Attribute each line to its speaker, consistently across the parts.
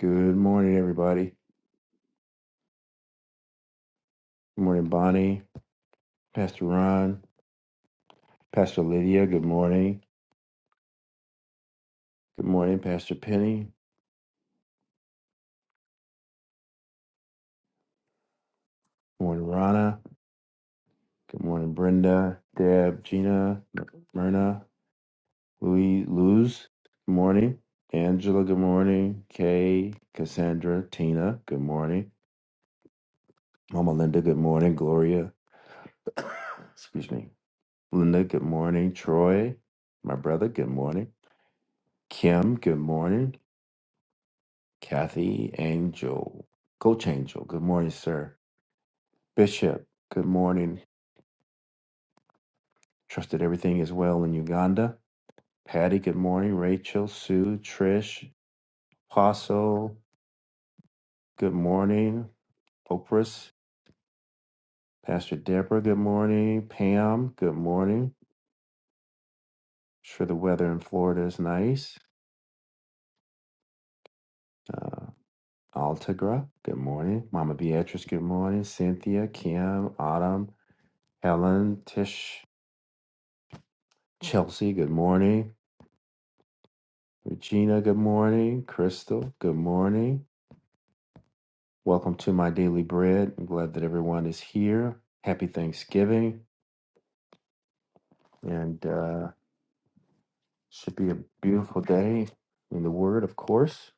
Speaker 1: Good morning, everybody. Good morning, Bonnie, Pastor Ron, Pastor Lydia. Good morning. Good morning, Pastor Penny. Good morning, Rana. Good morning, Brenda, Deb, Gina, Myrna, Louis, Luz. Good morning, Angela. Good morning, Kay, Cassandra, Tina. Good morning, Mama Linda. Good morning, Gloria. Excuse me, Linda. Good morning, Troy, my brother. Good morning, Kim. Good morning. Kathy Angel, Coach Angel. Good morning, sir. Bishop, good morning. Trust that everything is well in Uganda. Patty, good morning. Rachel, Sue, Trish, Apostle, good morning. Oprah's, Pastor Deborah, good morning. Pam, good morning. Sure, the weather in Florida is nice. Uh, Altagra, good morning. Mama Beatrice, good morning. Cynthia, Kim, Autumn, Helen, Tish, Chelsea, good morning. Regina, good morning. Crystal, good morning. Welcome to my daily bread. I'm glad that everyone is here. Happy Thanksgiving, and uh, should be a beautiful day in the Word. Of course,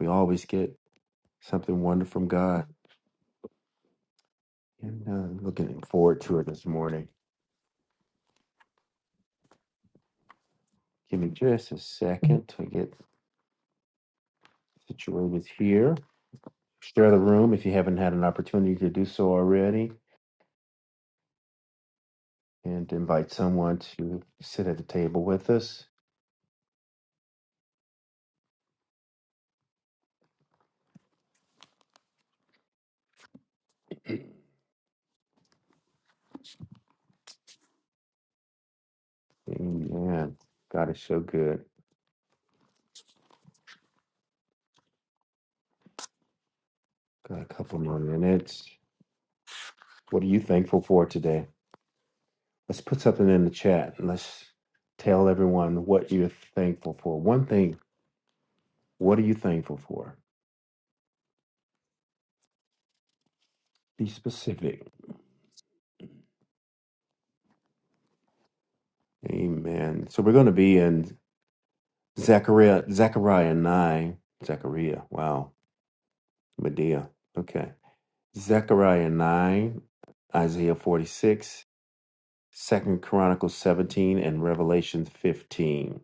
Speaker 1: we always get something wonderful from God, and uh, looking forward to it this morning. Give me just a second to get situated here. Share the room if you haven't had an opportunity to do so already, and invite someone to sit at the table with us. Amen. God is so good. Got a couple more minutes. What are you thankful for today? Let's put something in the chat and let's tell everyone what you're thankful for. One thing, what are you thankful for? Be specific. Amen. So we're going to be in Zechariah, Zechariah 9. Zechariah, wow. Medea. Okay. Zechariah 9, Isaiah 46, Second Chronicles 17, and Revelation 15.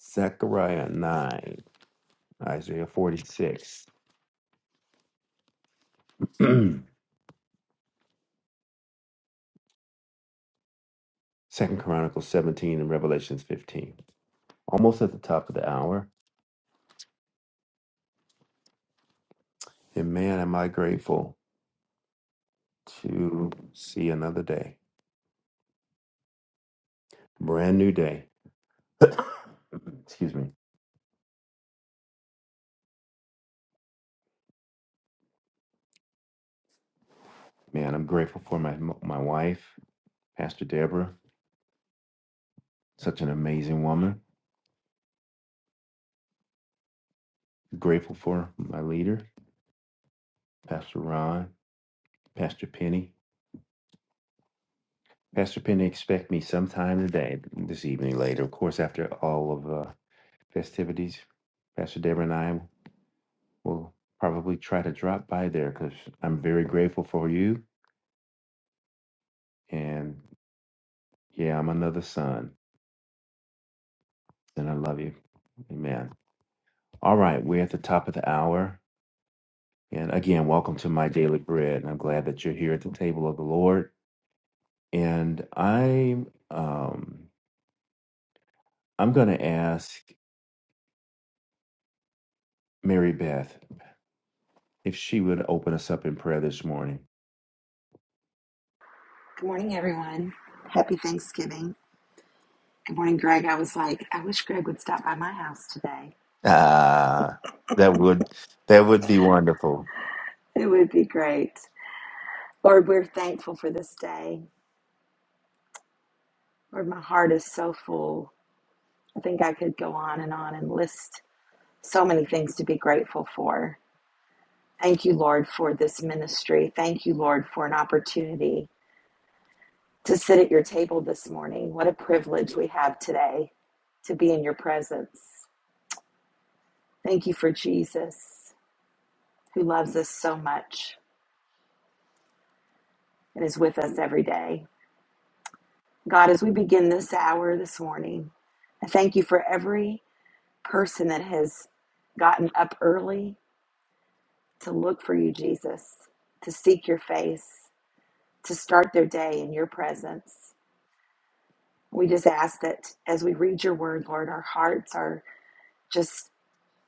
Speaker 1: Zechariah 9, Isaiah 46, Second Chronicles 17, and Revelations 15. Almost at the top of the hour. And man, am I grateful to see another day. Brand new day. Excuse me. Man, I'm grateful for my my wife, Pastor Deborah, such an amazing woman. Grateful for my leader, Pastor Ron, Pastor Penny. Pastor Penny, expect me sometime today, this evening, later, of course, after all of uh, festivities, Pastor Deborah and I will probably try to drop by there because I'm very grateful for you. And yeah, I'm another son, and I love you. Amen. All right, we're at the top of the hour. And again, welcome to my daily bread. And I'm glad that you're here at the table of the Lord. And I'm um, I'm going to ask Mary Beth if she would open us up in prayer this morning.
Speaker 2: Good morning, everyone. Happy Thanksgiving. Good morning, Greg. I was like, I wish Greg would stop by my house today.
Speaker 1: Ah, that would that would be wonderful.
Speaker 2: It would be great. Lord, we're thankful for this day. Lord, my heart is so full. I think I could go on and on and list so many things to be grateful for. Thank you, Lord, for this ministry. Thank you, Lord, for an opportunity to sit at your table this morning. What a privilege we have today to be in your presence. Thank you for Jesus, who loves us so much. that is with us every day. God, as we begin this hour this morning, I thank you for every person that has gotten up early to look for you, Jesus, to seek your face, to start their day in your presence. We just ask that as we read your word, Lord, our hearts are just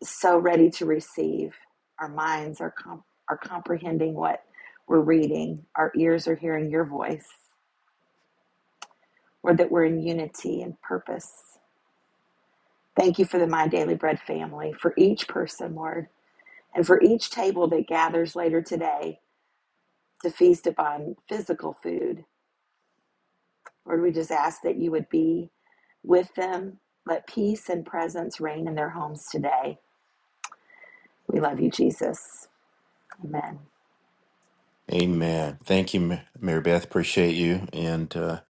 Speaker 2: so ready to receive. Our minds are, com- are comprehending what we're reading, our ears are hearing your voice, Lord, that we're in unity and purpose Thank you for the My Daily Bread family, for each person, Lord, and for each table that gathers later today to feast upon physical food. Lord, we just ask that you would be with them. Let peace and presence reign in their homes today. We love you, Jesus. Amen.
Speaker 1: Amen. Thank you, Ma- Mary Beth. Appreciate you. And uh,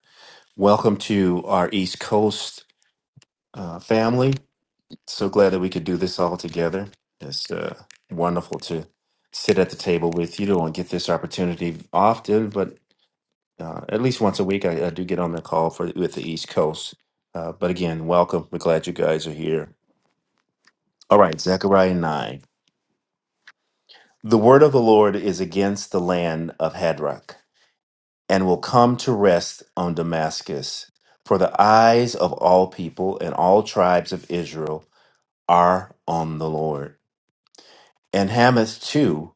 Speaker 1: welcome to our East Coast uh, family. So glad that we could do this all together. It's uh, wonderful to sit at the table with you. Don't get this opportunity often, but uh, at least once a week, I, I do get on the call for with the East Coast. Uh, but again, welcome. We're glad you guys are here. All right, Zechariah 9. The word of the Lord is against the land of Hadrach. and will come to rest on Damascus. For the eyes of all people and all tribes of Israel are on the Lord. And Hamath too,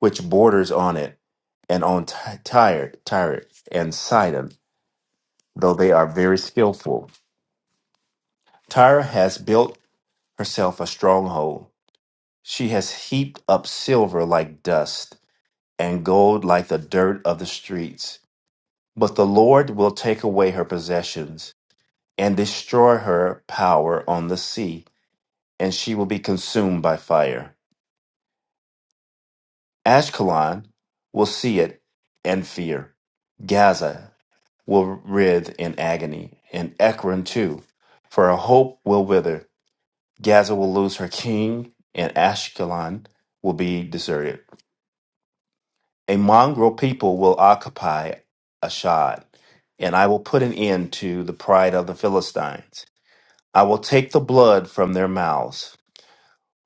Speaker 1: which borders on it, and on Ty- Tyre, Tyre and Sidon, though they are very skillful. Tyre has built herself a stronghold. She has heaped up silver like dust, and gold like the dirt of the streets. But the Lord will take away her possessions and destroy her power on the sea, and she will be consumed by fire. Ashkelon will see it and fear. Gaza will writhe in agony, and Ekron too, for her hope will wither. Gaza will lose her king, and Ashkelon will be deserted. A mongrel people will occupy Ashdod, and I will put an end to the pride of the Philistines. I will take the blood from their mouths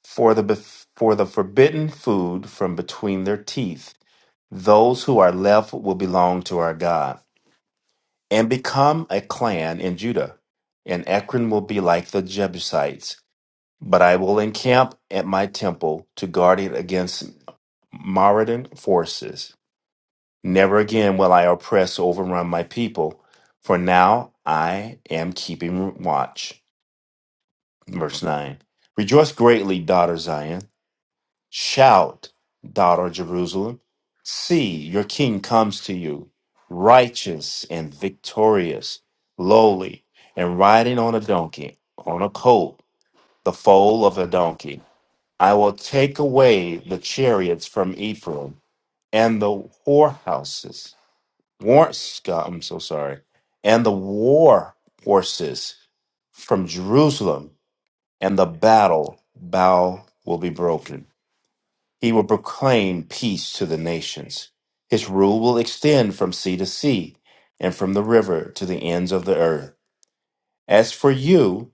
Speaker 1: for the bef- for the forbidden food from between their teeth. Those who are left will belong to our God and become a clan in Judah. And Ekron will be like the Jebusites, but I will encamp at my temple to guard it against marauding forces. Never again will I oppress or overrun my people, for now I am keeping watch. Verse 9. Rejoice greatly, daughter Zion. Shout, daughter Jerusalem. See, your king comes to you, righteous and victorious, lowly, and riding on a donkey, on a colt, the foal of a donkey. I will take away the chariots from Ephraim and the whorehouses, war, sc- I'm so sorry, and the war horses from Jerusalem, and the battle bow will be broken he will proclaim peace to the nations. His rule will extend from sea to sea and from the river to the ends of the earth. As for you,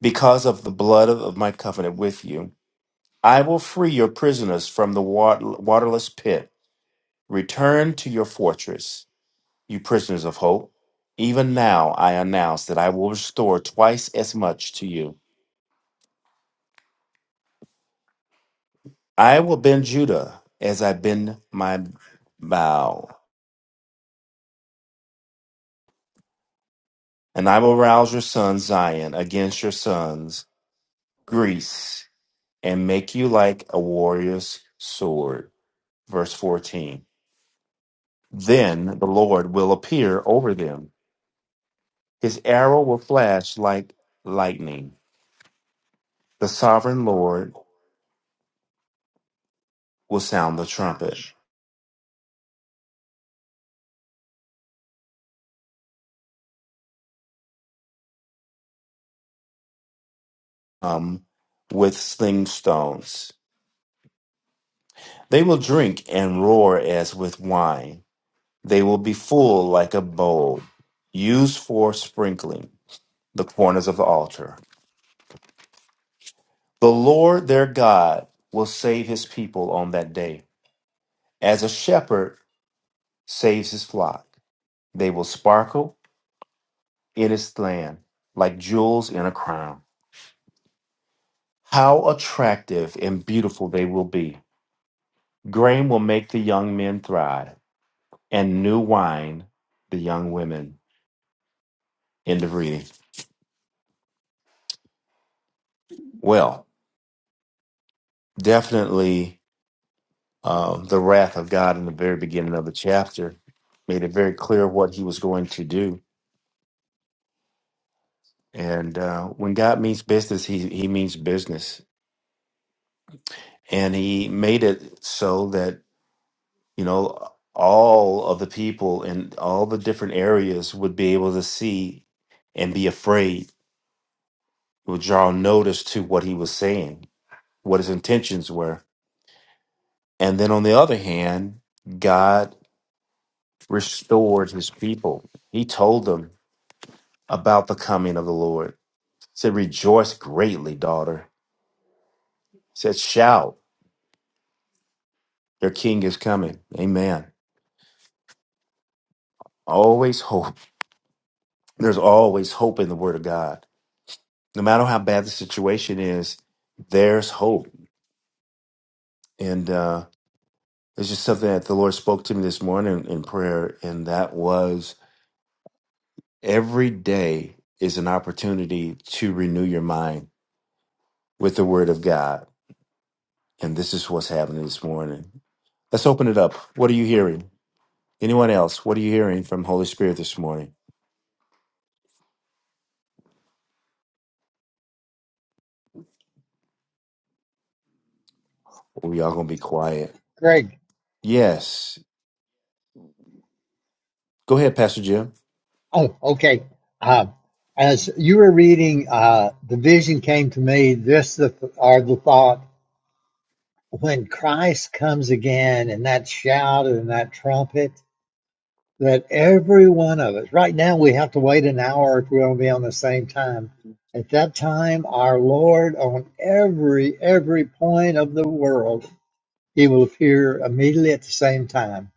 Speaker 1: because of the blood of, of my covenant with you, I will free your prisoners from the wat- waterless pit. Return to your fortress, you prisoners of hope. Even now I announce that I will restore twice as much to you. I will bend Judah as I bend my bow And I will rouse your son Zion against your sons Greece and make you like a warrior's sword. Verse 14. Then the Lord will appear over them. His arrow will flash like lightning. The sovereign Lord will sound the trumpet um, with sling stones. They will drink and roar as with wine. They will be full like a bowl used for sprinkling the corners of the altar. The Lord their God will save his people on that day, as a shepherd saves his flock. They will sparkle in his land like jewels in a crown. How attractive and beautiful they will be! Grain will make the young men thrive, and new wine the young women. End of reading. Well, definitely um, the wrath of God in the very beginning of the chapter made it very clear what he was going to do And uh, when God means business, he, he means business. And he made it so that, you know, all of the people in all the different areas would be able to see and be afraid, would draw notice to what he was saying, what his intentions were. And then on the other hand, God restored his people. He told them about the coming of the Lord. He said, Rejoice greatly, daughter. He said, Shout, your king is coming. Amen. Always hope. There's always hope in the Word of God. No matter how bad the situation is, there's hope. And uh, it's just something that the Lord spoke to me this morning in prayer, and that was every day is an opportunity to renew your mind with the Word of God. And this is what's happening this morning. Let's open it up. What are you hearing? Anyone else? What are you hearing from Holy Spirit this morning? We all gonna be quiet.
Speaker 3: Greg.
Speaker 1: Yes. Go ahead, Pastor Jim.
Speaker 3: Oh, okay. Uh, as you were reading, uh, the vision came to me. This the, are the thought when Christ comes again, and that shout and that trumpet, that every one of us. Right now, we have to wait an hour if we're going to be on the same time. At that time, our Lord on every every point of the world It will appear immediately at the same time.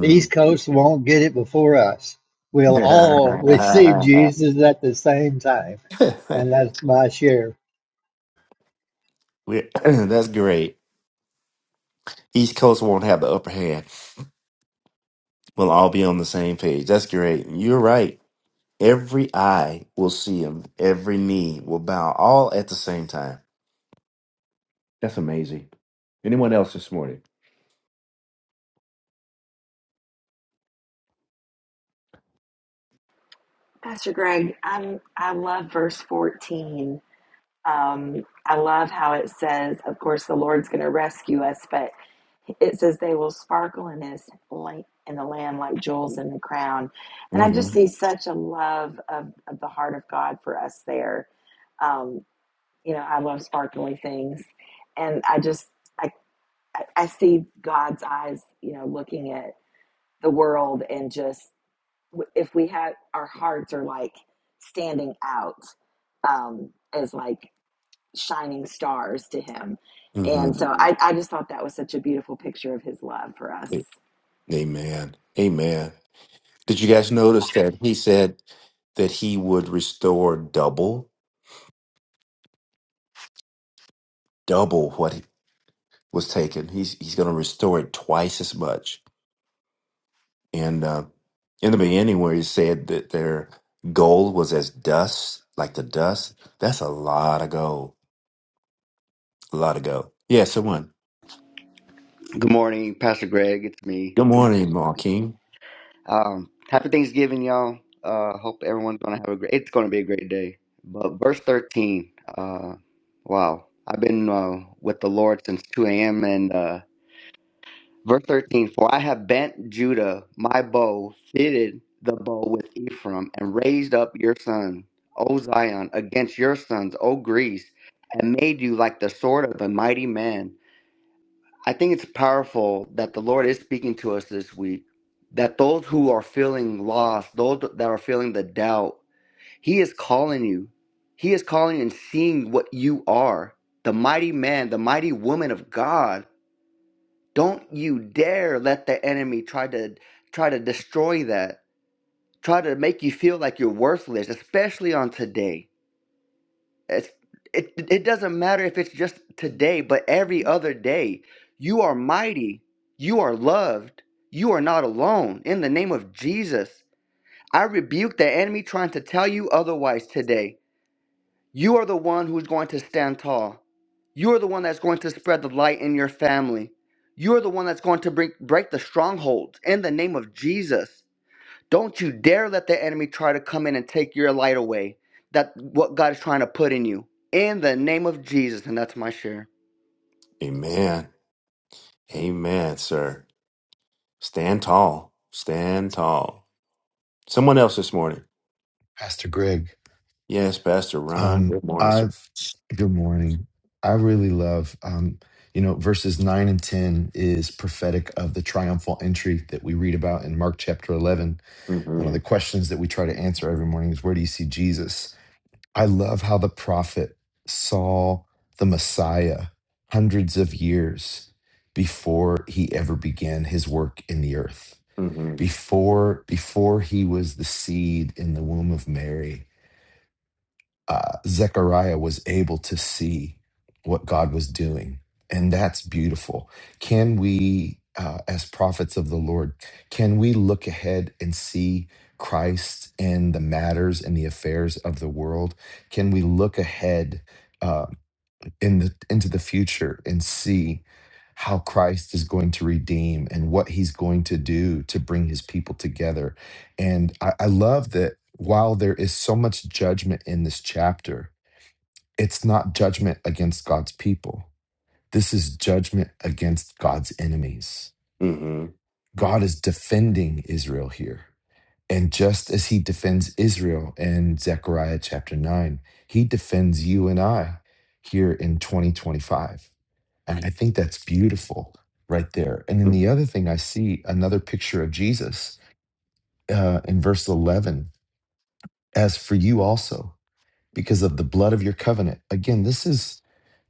Speaker 3: The East Coast won't get it before us. We'll
Speaker 1: We-
Speaker 3: all receive Jesus at the same time. And that's my share.
Speaker 1: That's great. East Coast won't have the upper hand. We'll all be on the same page. That's great. You're right. Every eye will see him. Every knee will bow, all at the same time. That's amazing. Anyone else this morning?
Speaker 2: Pastor Greg, I'm, I love verse 14. Um, I love how it says, of course, the Lord's going to rescue us, but it says they will sparkle in His light in the Lamb like jewels in the crown. And I just
Speaker 1: hmm
Speaker 2: see such a love of, of the heart of God for us there. Um, you know, I love sparkly things, and I just I I I see God's eyes, you know, looking at the world and just if we had our hearts are like standing out um, as like shining stars to him.
Speaker 1: hmm
Speaker 2: And so I, I just thought that was such a beautiful picture of his love for us.
Speaker 1: Amen. Amen. Did you guys notice that he said that he would restore double, double what he was taken? He's he's going to restore it twice as much. And uh, in the beginning, where he said that their gold was as dust, like the dust, that's a lot of gold. A lot of gold. Yeah, someone.
Speaker 4: Good morning, Pastor Greg. It's me.
Speaker 1: Good
Speaker 4: Good morning.
Speaker 1: morning, Marking.
Speaker 4: Um, happy Thanksgiving, y'all. Uh, hope everyone's gonna have a great. It's gonna be a great day. But verse thirteen. Uh, wow. I've been uh, with the Lord since two a.m. and uh, verse thirteen. For I have bent Judah my bow, fitted the bow with Ephraim, and raised up your son, O Zion, against your sons, O Greece, and made you like the sword of a mighty man. I think it's powerful that the Lord is speaking to us this week. That those who are feeling lost, those that are feeling the doubt, He is calling you. He is calling and seeing what you are the mighty man, the mighty woman of God. Don't you dare let the enemy try to try to destroy that. Try to make you feel like you're worthless, especially on today it's, it, it doesn't matter if it's just today, but every other day. You are mighty. You are loved. You are not alone. In the name of Jesus, I rebuke the enemy trying to tell you otherwise today. You are the one who's going to stand tall. You are the one that's going to spread the light in your family. You are the one that's going to bring, break the strongholds in the name of Jesus. Don't you dare let the enemy try to come in and take your light away. That what God is trying to put in you. In the name of Jesus, and that's my share.
Speaker 1: Amen. Amen, sir. Stand tall. Stand tall. Someone else this morning.
Speaker 5: Pastor Greg.
Speaker 1: Yes, Pastor Ron.
Speaker 5: Um,
Speaker 1: Good morning, sir.
Speaker 5: I've good morning. I really love um, you know, verses nine and ten is prophetic of the triumphal entry that we read about in Mark chapter eleven. One of
Speaker 1: Mm-hmm.
Speaker 5: the questions that we try to answer every morning is where do you see Jesus? I love how the prophet saw the Messiah hundreds of years before he ever began his work in the earth.
Speaker 1: Mm-hmm.
Speaker 5: Before before he was the seed in the womb of Mary uh, Zechariah was able to see what God was doing. And that's beautiful. Can we, uh, as prophets of the Lord, can we look ahead and see Christ in the matters and the affairs of the world? Can we look ahead? uh, in the into the future and see how Christ is going to redeem and what he's going to do to bring his people together. And I, I love that while there is so much judgment in this chapter, it's not judgment against God's people. This is judgment against God's enemies.
Speaker 1: Mm-hmm.
Speaker 5: God is defending Israel here. And just as he defends Israel in Zechariah chapter 9, he defends you and I here in 2025 and I think that's beautiful right there. And then the other thing I see another picture of Jesus uh, in verse 11 as for you also because of the blood of your covenant. Again, this is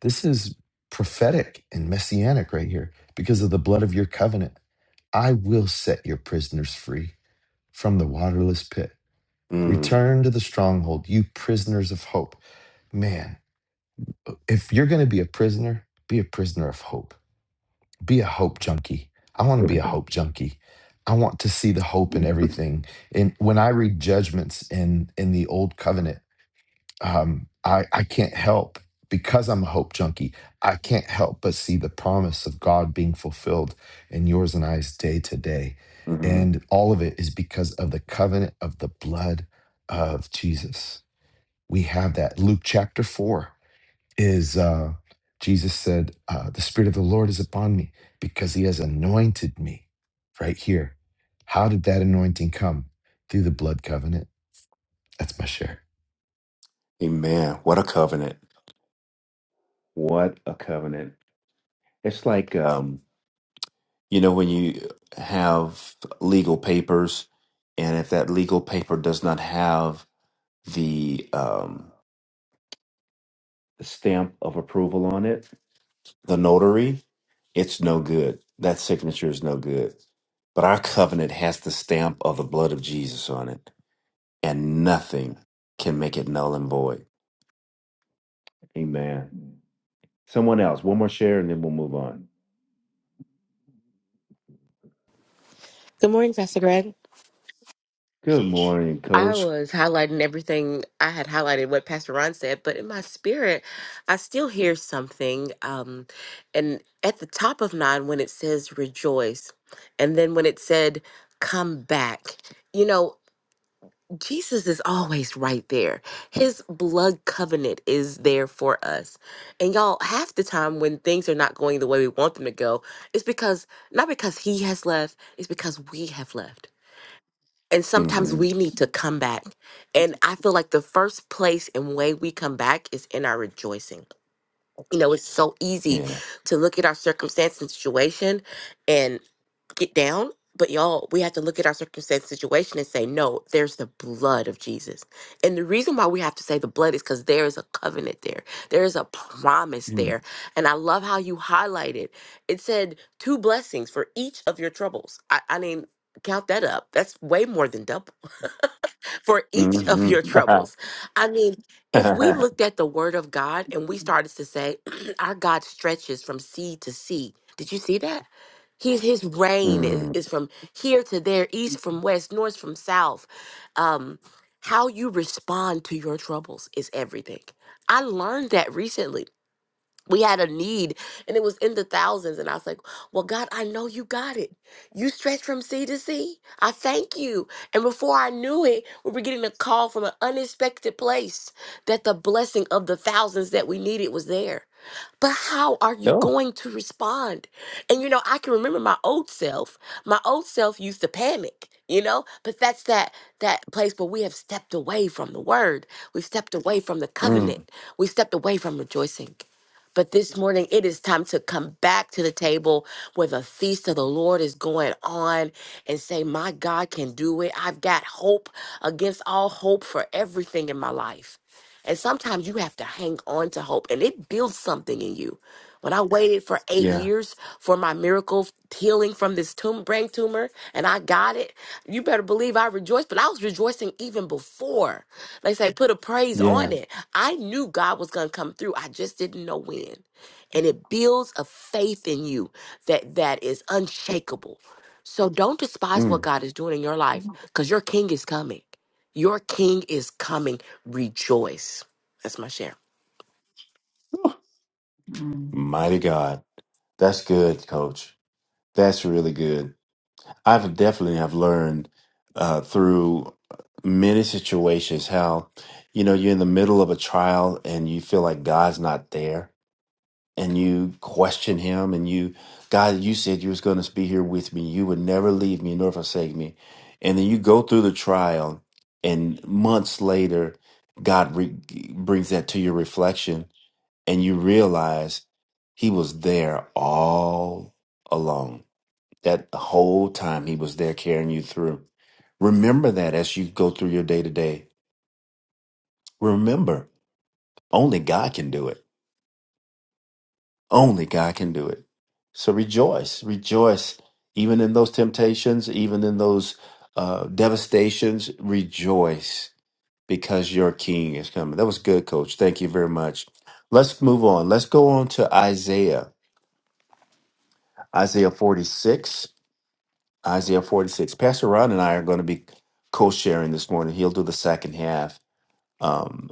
Speaker 5: this is prophetic and messianic right here because of the blood of your covenant. I will set your prisoners free from the waterless pit.
Speaker 1: Mm-hmm.
Speaker 5: Return to the stronghold, you prisoners of hope. Man, if you're going to be a prisoner, be a prisoner of hope be a hope junkie. I want
Speaker 1: Mm-hmm.
Speaker 5: to be a hope junkie. I want to see the hope in everything. And when I read judgments in in the old covenant, um, I, I can't help because I'm a hope junkie. I can't help but see the promise of God being fulfilled in yours and I's day to day.
Speaker 1: Mm-hmm.
Speaker 5: And all of it is because of the covenant of the blood of Jesus. We have that. Luke chapter 4 is uh, Jesus said, uh, The Spirit of the Lord is upon me because he has anointed me right here. How did that anointing come? Through the blood covenant. That's my share.
Speaker 1: Amen. What a covenant. What a covenant. It's like um You know, when you have legal papers, and if that legal paper does not have the um, stamp of approval on it, the notary, it's no good. That signature is no good. But our covenant has the stamp of the blood of Jesus on it, and nothing can make it null and void. Amen. Someone else, one more share, and then we'll move on.
Speaker 6: Good morning, Pastor Greg.
Speaker 1: Good morning,
Speaker 6: I
Speaker 1: Coach.
Speaker 6: was highlighting everything I had highlighted what Pastor Ron said, but in my spirit, I still hear something. Um, and at the top of nine, when it says rejoice, and then when it said come back, you know, Jesus is always right there. His blood covenant is there for us. And y'all, half the time when things are not going the way we want them to go, it's because not because he has left, it's because we have left. and sometimes
Speaker 1: hmm
Speaker 6: we need to come back and i feel like the first place and way we come back is in our rejoicing you know it's so easy
Speaker 1: Yeah.
Speaker 6: to look at our circumstance and situation and get down but y'all we have to look at our circumstance situation and say no there's the blood of jesus and the reason why we have to say the blood is because there is a covenant there there is a promise there and i love how you highlighted it said two blessings for each of your troubles i, I mean count that up that's way more than double for each of your troubles. I mean, if we
Speaker 1: Mm-hmm.
Speaker 6: looked at the word of God and we started to say, our God stretches from sea to sea. Did you see that? His his reign is, is from here to there, east from west, north from south. Um, how you respond to your troubles is everything. I learned that recently we had a need and it was in the thousands and i was like well god i know you got it you stretched from sea to sea i thank you and before i knew it we were getting a call from an unexpected place that the blessing of the thousands that we needed was there but how are you
Speaker 1: No.
Speaker 6: going to respond? And you know, I can remember my old self. My old self used to panic, you know, but that's that that place where we have stepped away from the word. We've stepped away from the covenant.
Speaker 1: Mm,
Speaker 6: We've stepped away from rejoicing. But this morning, it is time to come back to the table where the feast of the Lord is going on and say, My God can do it. I've got hope against all hope for everything in my life. And sometimes you have to hang on to hope, and it builds something in you. When I waited for eight
Speaker 1: yeah.
Speaker 6: years for my miracle healing from this tum- brain tumor, and I got it, you better believe I rejoiced. But I was rejoicing even before. They say put a praise
Speaker 1: Yeah.
Speaker 6: on it. I knew God was going to come through. I just didn't know when. And it builds a faith in you that that is unshakable. So don't despise what
Speaker 1: Mm.
Speaker 6: God is doing in your life, because your King is coming. Your king is coming. Rejoice. That's my share.
Speaker 1: Whew. Mm. Mighty God. That's good, coach. That's really good. I've definitely have learned uh, through uh, many situations how, you know, you're in the middle of a trial and you feel like God's not there. and you question him and you god you said you was going to be here with me you would never leave me nor forsake me and then you go through the trial and months later god re- brings that to your reflection and you realize he was there all along that whole time he was there carrying you through remember that as you go through your day to day remember only god can do it Only God can do it. So rejoice, rejoice, even in those temptations, even in those uh, devastations. Rejoice because your King is coming. That was good, Coach. Thank you very much. Let's move on. Let's go on to Isaiah, Isaiah 46. Isaiah 46. Pastor Ron and I are going to be co sharing this morning. He'll do the second half. Um,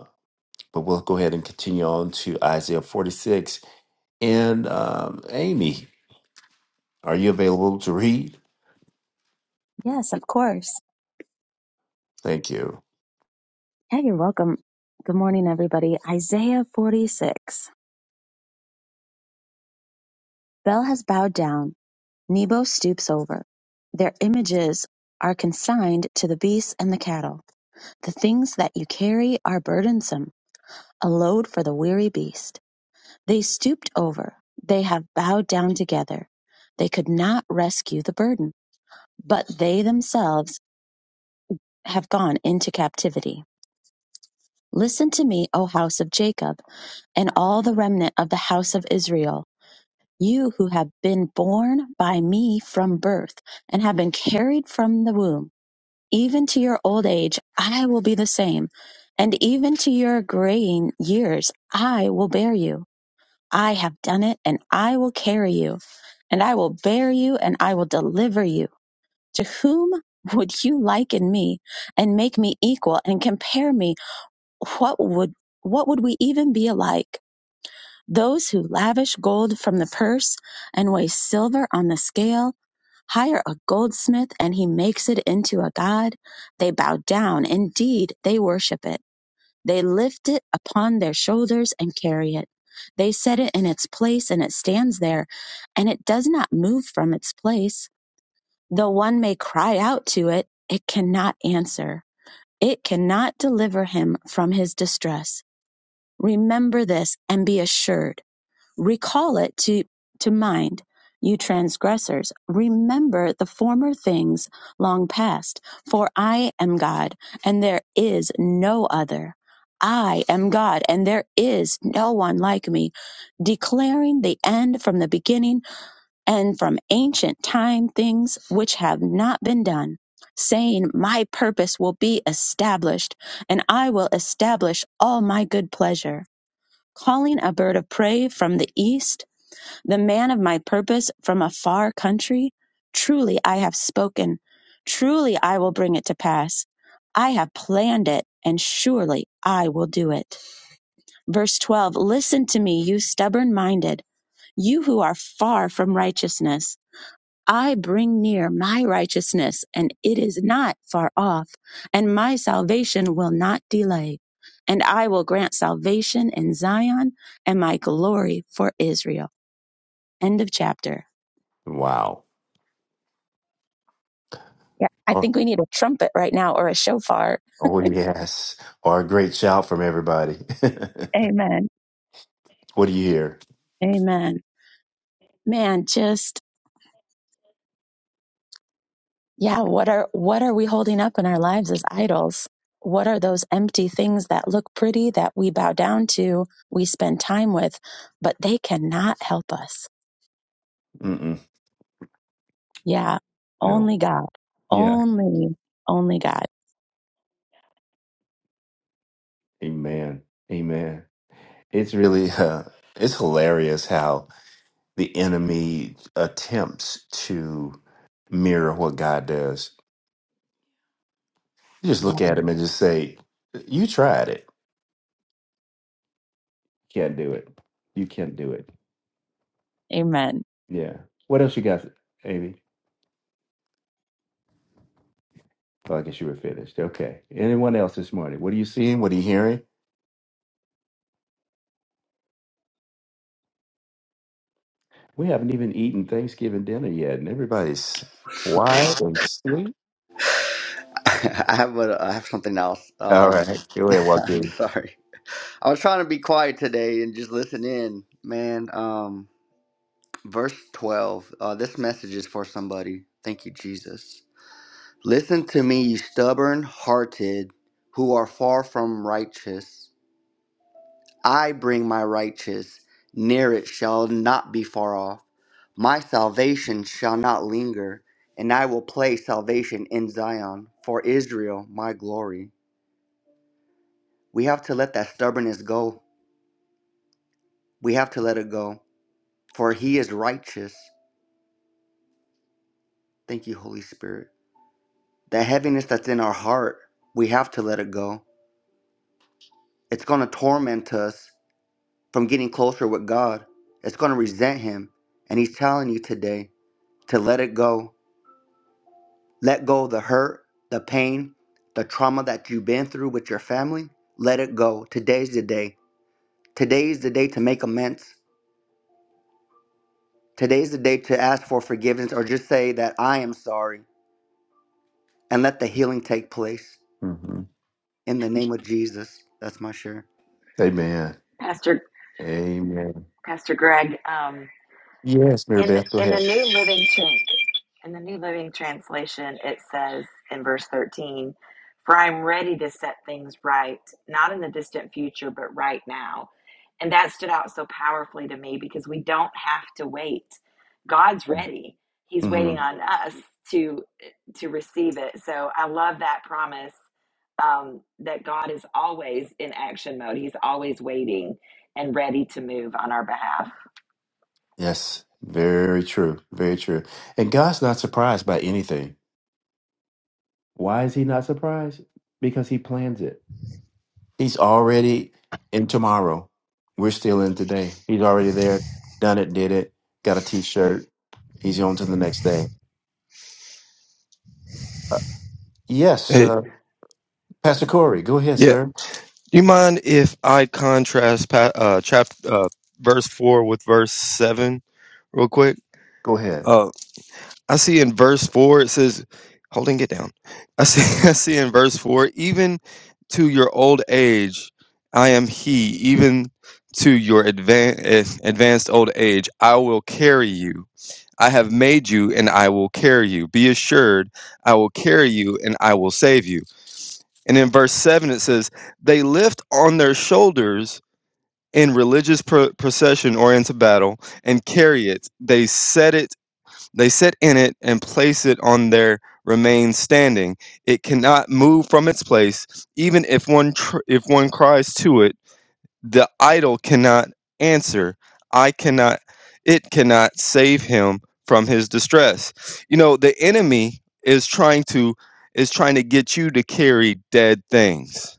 Speaker 1: but we'll go ahead and continue on to Isaiah 46. And um, Amy, are you available to read?
Speaker 7: Yes, of course.
Speaker 1: Thank you.
Speaker 7: Yeah, you're welcome. Good morning, everybody. Isaiah 46. Bel has bowed down. Nebo stoops over. Their images are consigned to the beasts and the cattle. The things that you carry are burdensome, a load for the weary beast. They stooped over. They have bowed down together. They could not rescue the burden, but they themselves have gone into captivity. Listen to me, O house of Jacob and all the remnant of the house of Israel, you who have been born by me from birth and have been carried from the womb, even to your old age, I will be the same, and even to your graying years, I will bear you. I have done it, and I will carry you, and I will bear you, and I will deliver you. To whom would you liken me and make me equal and compare me? What would what would we even be alike? Those who lavish gold from the purse and weigh silver on the scale hire a goldsmith and he makes it into a god. They bow down. Indeed, they worship it. They lift it upon their shoulders and carry it. They set it in its place and it stands there, and it does not move from its place. Though one may cry out to it, it cannot answer. It cannot deliver him from his distress. Remember this and be assured recall it to, to mind, you transgressors. Remember the former things long past. For I am God, and there is no other. I am God, and there is no one like me, declaring the end from the beginning and from ancient time things which have not been done, saying, My purpose will be established, and I will establish all my good pleasure. Calling a bird of prey from the east, the man of my purpose from a far country? Truly I have spoken. Truly I will bring it to pass. I have planned it, and surely I will do it. Verse 12 Listen to me, you stubborn minded, you who are far from righteousness. I bring near my righteousness, and it is not far off, and my salvation will not delay. And I will grant salvation in Zion and my glory for Israel. End of chapter.
Speaker 1: Wow.
Speaker 7: Yeah, I
Speaker 1: Oh,
Speaker 7: think we need a trumpet right now or a shofar.
Speaker 1: oh yes. Or a great shout from everybody.
Speaker 7: Amen.
Speaker 1: what do you hear?
Speaker 7: Amen. Man, just yeah, what are what are we holding up in our lives as idols? What are those empty things that look pretty that we bow down to, we spend time with, but they cannot help us?
Speaker 1: Mm-mm.
Speaker 7: Yeah,
Speaker 1: No.
Speaker 7: only God.
Speaker 1: Yeah.
Speaker 7: Only only God.
Speaker 1: Amen. Amen. It's really, uh, it's hilarious how the enemy attempts to mirror what God does. You just
Speaker 7: Yeah.
Speaker 1: look at him and just say, "You tried it. Can't do it. You can't do it."
Speaker 7: Amen.
Speaker 1: Yeah. What else you got, Amy? Well, I guess you were finished. Okay. Anyone else this morning? What are you seeing? What are you hearing? We haven't even eaten Thanksgiving dinner yet, and everybody's quiet and sweet.
Speaker 4: I have a, I have something else.
Speaker 1: All
Speaker 4: Um,
Speaker 1: right, go ahead,
Speaker 4: I'm
Speaker 1: Joaquin.
Speaker 4: sorry. I was trying to be quiet today and just listen in, man. Um, verse 12. Uh, this message is for somebody. Thank you, Jesus. Listen to me, you stubborn-hearted, who are far from righteous. I bring my righteous, near it shall not be far off. My salvation shall not linger, and I will place salvation in Zion, for Israel my glory. We have to let that stubbornness go. We have to let it go, for he is righteous. Thank you, Holy Spirit. The heaviness that's in our heart, we have to let it go. It's going to torment us from getting closer with God, it's going to resent him. And he's telling you today to let it go Let go of the hurt, the pain, the trauma that you've been through with your family. Let it go. Today's the day. Today is the day to make amends. Today's the day to ask for forgiveness or just say that I am sorry and let the healing take place
Speaker 1: Mm-hmm.
Speaker 4: in the name of Jesus. That's my share.
Speaker 1: Amen.
Speaker 2: Pastor
Speaker 1: Amen.
Speaker 2: Pastor Greg, um,
Speaker 1: Yes, Mary
Speaker 2: in
Speaker 1: Beth, go
Speaker 2: in the
Speaker 1: ahead.
Speaker 2: New Living Trans In the New Living Translation, it says in verse 13, For I'm ready to set things right, not in the distant future, but right now. And that stood out so powerfully to me because we don't have to wait. God's ready. He's
Speaker 1: hmm
Speaker 2: waiting on us to to receive it. So I love that promise um, that God is always in action mode. He's always waiting and ready to move on our behalf.
Speaker 1: Yes, very true. Very true. And God's not surprised by anything. Why is He not surprised? Because He plans it. He's already in tomorrow. We're still in today. He's already there, done it, did it, got a t shirt. He's on to the next day. Uh, yes.
Speaker 8: Hey,
Speaker 1: Pastor Corey, go ahead,
Speaker 8: yeah.
Speaker 1: sir.
Speaker 8: Do you mind if I contrast pa- uh, chapter uh, verse four with verse seven real quick?
Speaker 1: Go ahead.
Speaker 8: Uh, I see in verse four it says, "Holding it down." I see. I see in verse four, even to your old age, I am He. Even to your advan- eh, advanced old age, I will carry you. I have made you, and I will carry you. Be assured, I will carry you, and I will save you. And in verse 7, it says, They lift on their shoulders in religious pro- procession or into battle and carry it. They set it, they set in it and place it on their remain standing. It cannot move from its place, even if one tr- if one cries to it. The idol cannot answer. I cannot. It cannot save him from his distress. You know, the enemy is trying to is trying to get you to carry dead things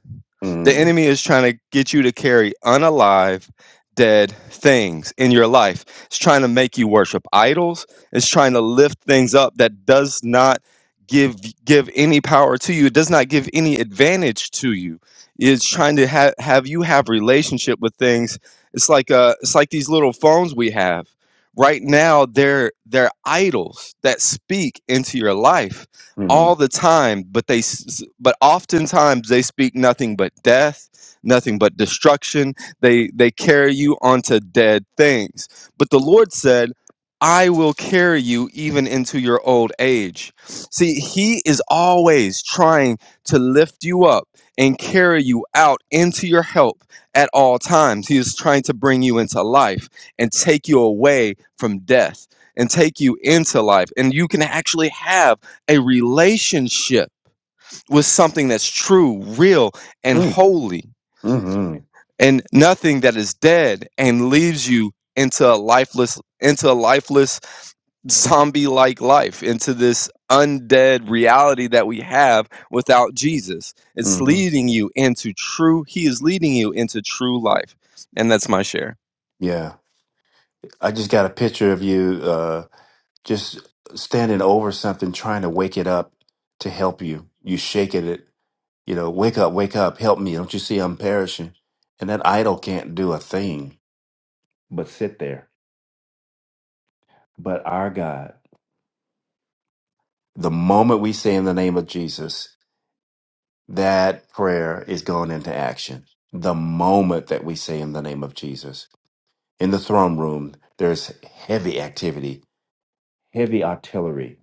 Speaker 8: the
Speaker 1: Mm,
Speaker 8: enemy is trying to get you to carry unalive, dead things in your life. It's trying to make you worship idols. It's trying to lift things up that does not give give any power to you. It does not give any advantage to you. It's trying to have have you have relationship with things. It's like uh it's like these little phones we have. Right now they're they're idols that speak into your life all
Speaker 1: mm,
Speaker 8: the time but they s- but oftentimes they speak nothing but death nothing but destruction they they carry you onto dead things but the lord said i will carry you even into your old age see he is always trying to lift you up and carry you out into your help at all times he is trying to bring you into life and take you away from death and take you into life and you can actually have a relationship with something that's true, real, and
Speaker 1: mm,
Speaker 8: holy,
Speaker 1: mm
Speaker 8: and nothing that is dead and leaves you into a lifeless, into a lifeless zombie like life, into this undead reality that we have without Jesus. It's
Speaker 1: mm
Speaker 8: leading you into true, He is leading you into true life. And that's my share.
Speaker 1: Yeah. I just got a picture of you uh, just standing over something, trying to wake it up to help you. You shaking it, you know, wake up, wake up, help me. Don't you see I'm perishing? And that idol can't do a thing but sit there. But our God, the moment we say in the name of Jesus, that prayer is going into action. The moment that we say in the name of Jesus In the throne room, there's heavy activity, heavy artillery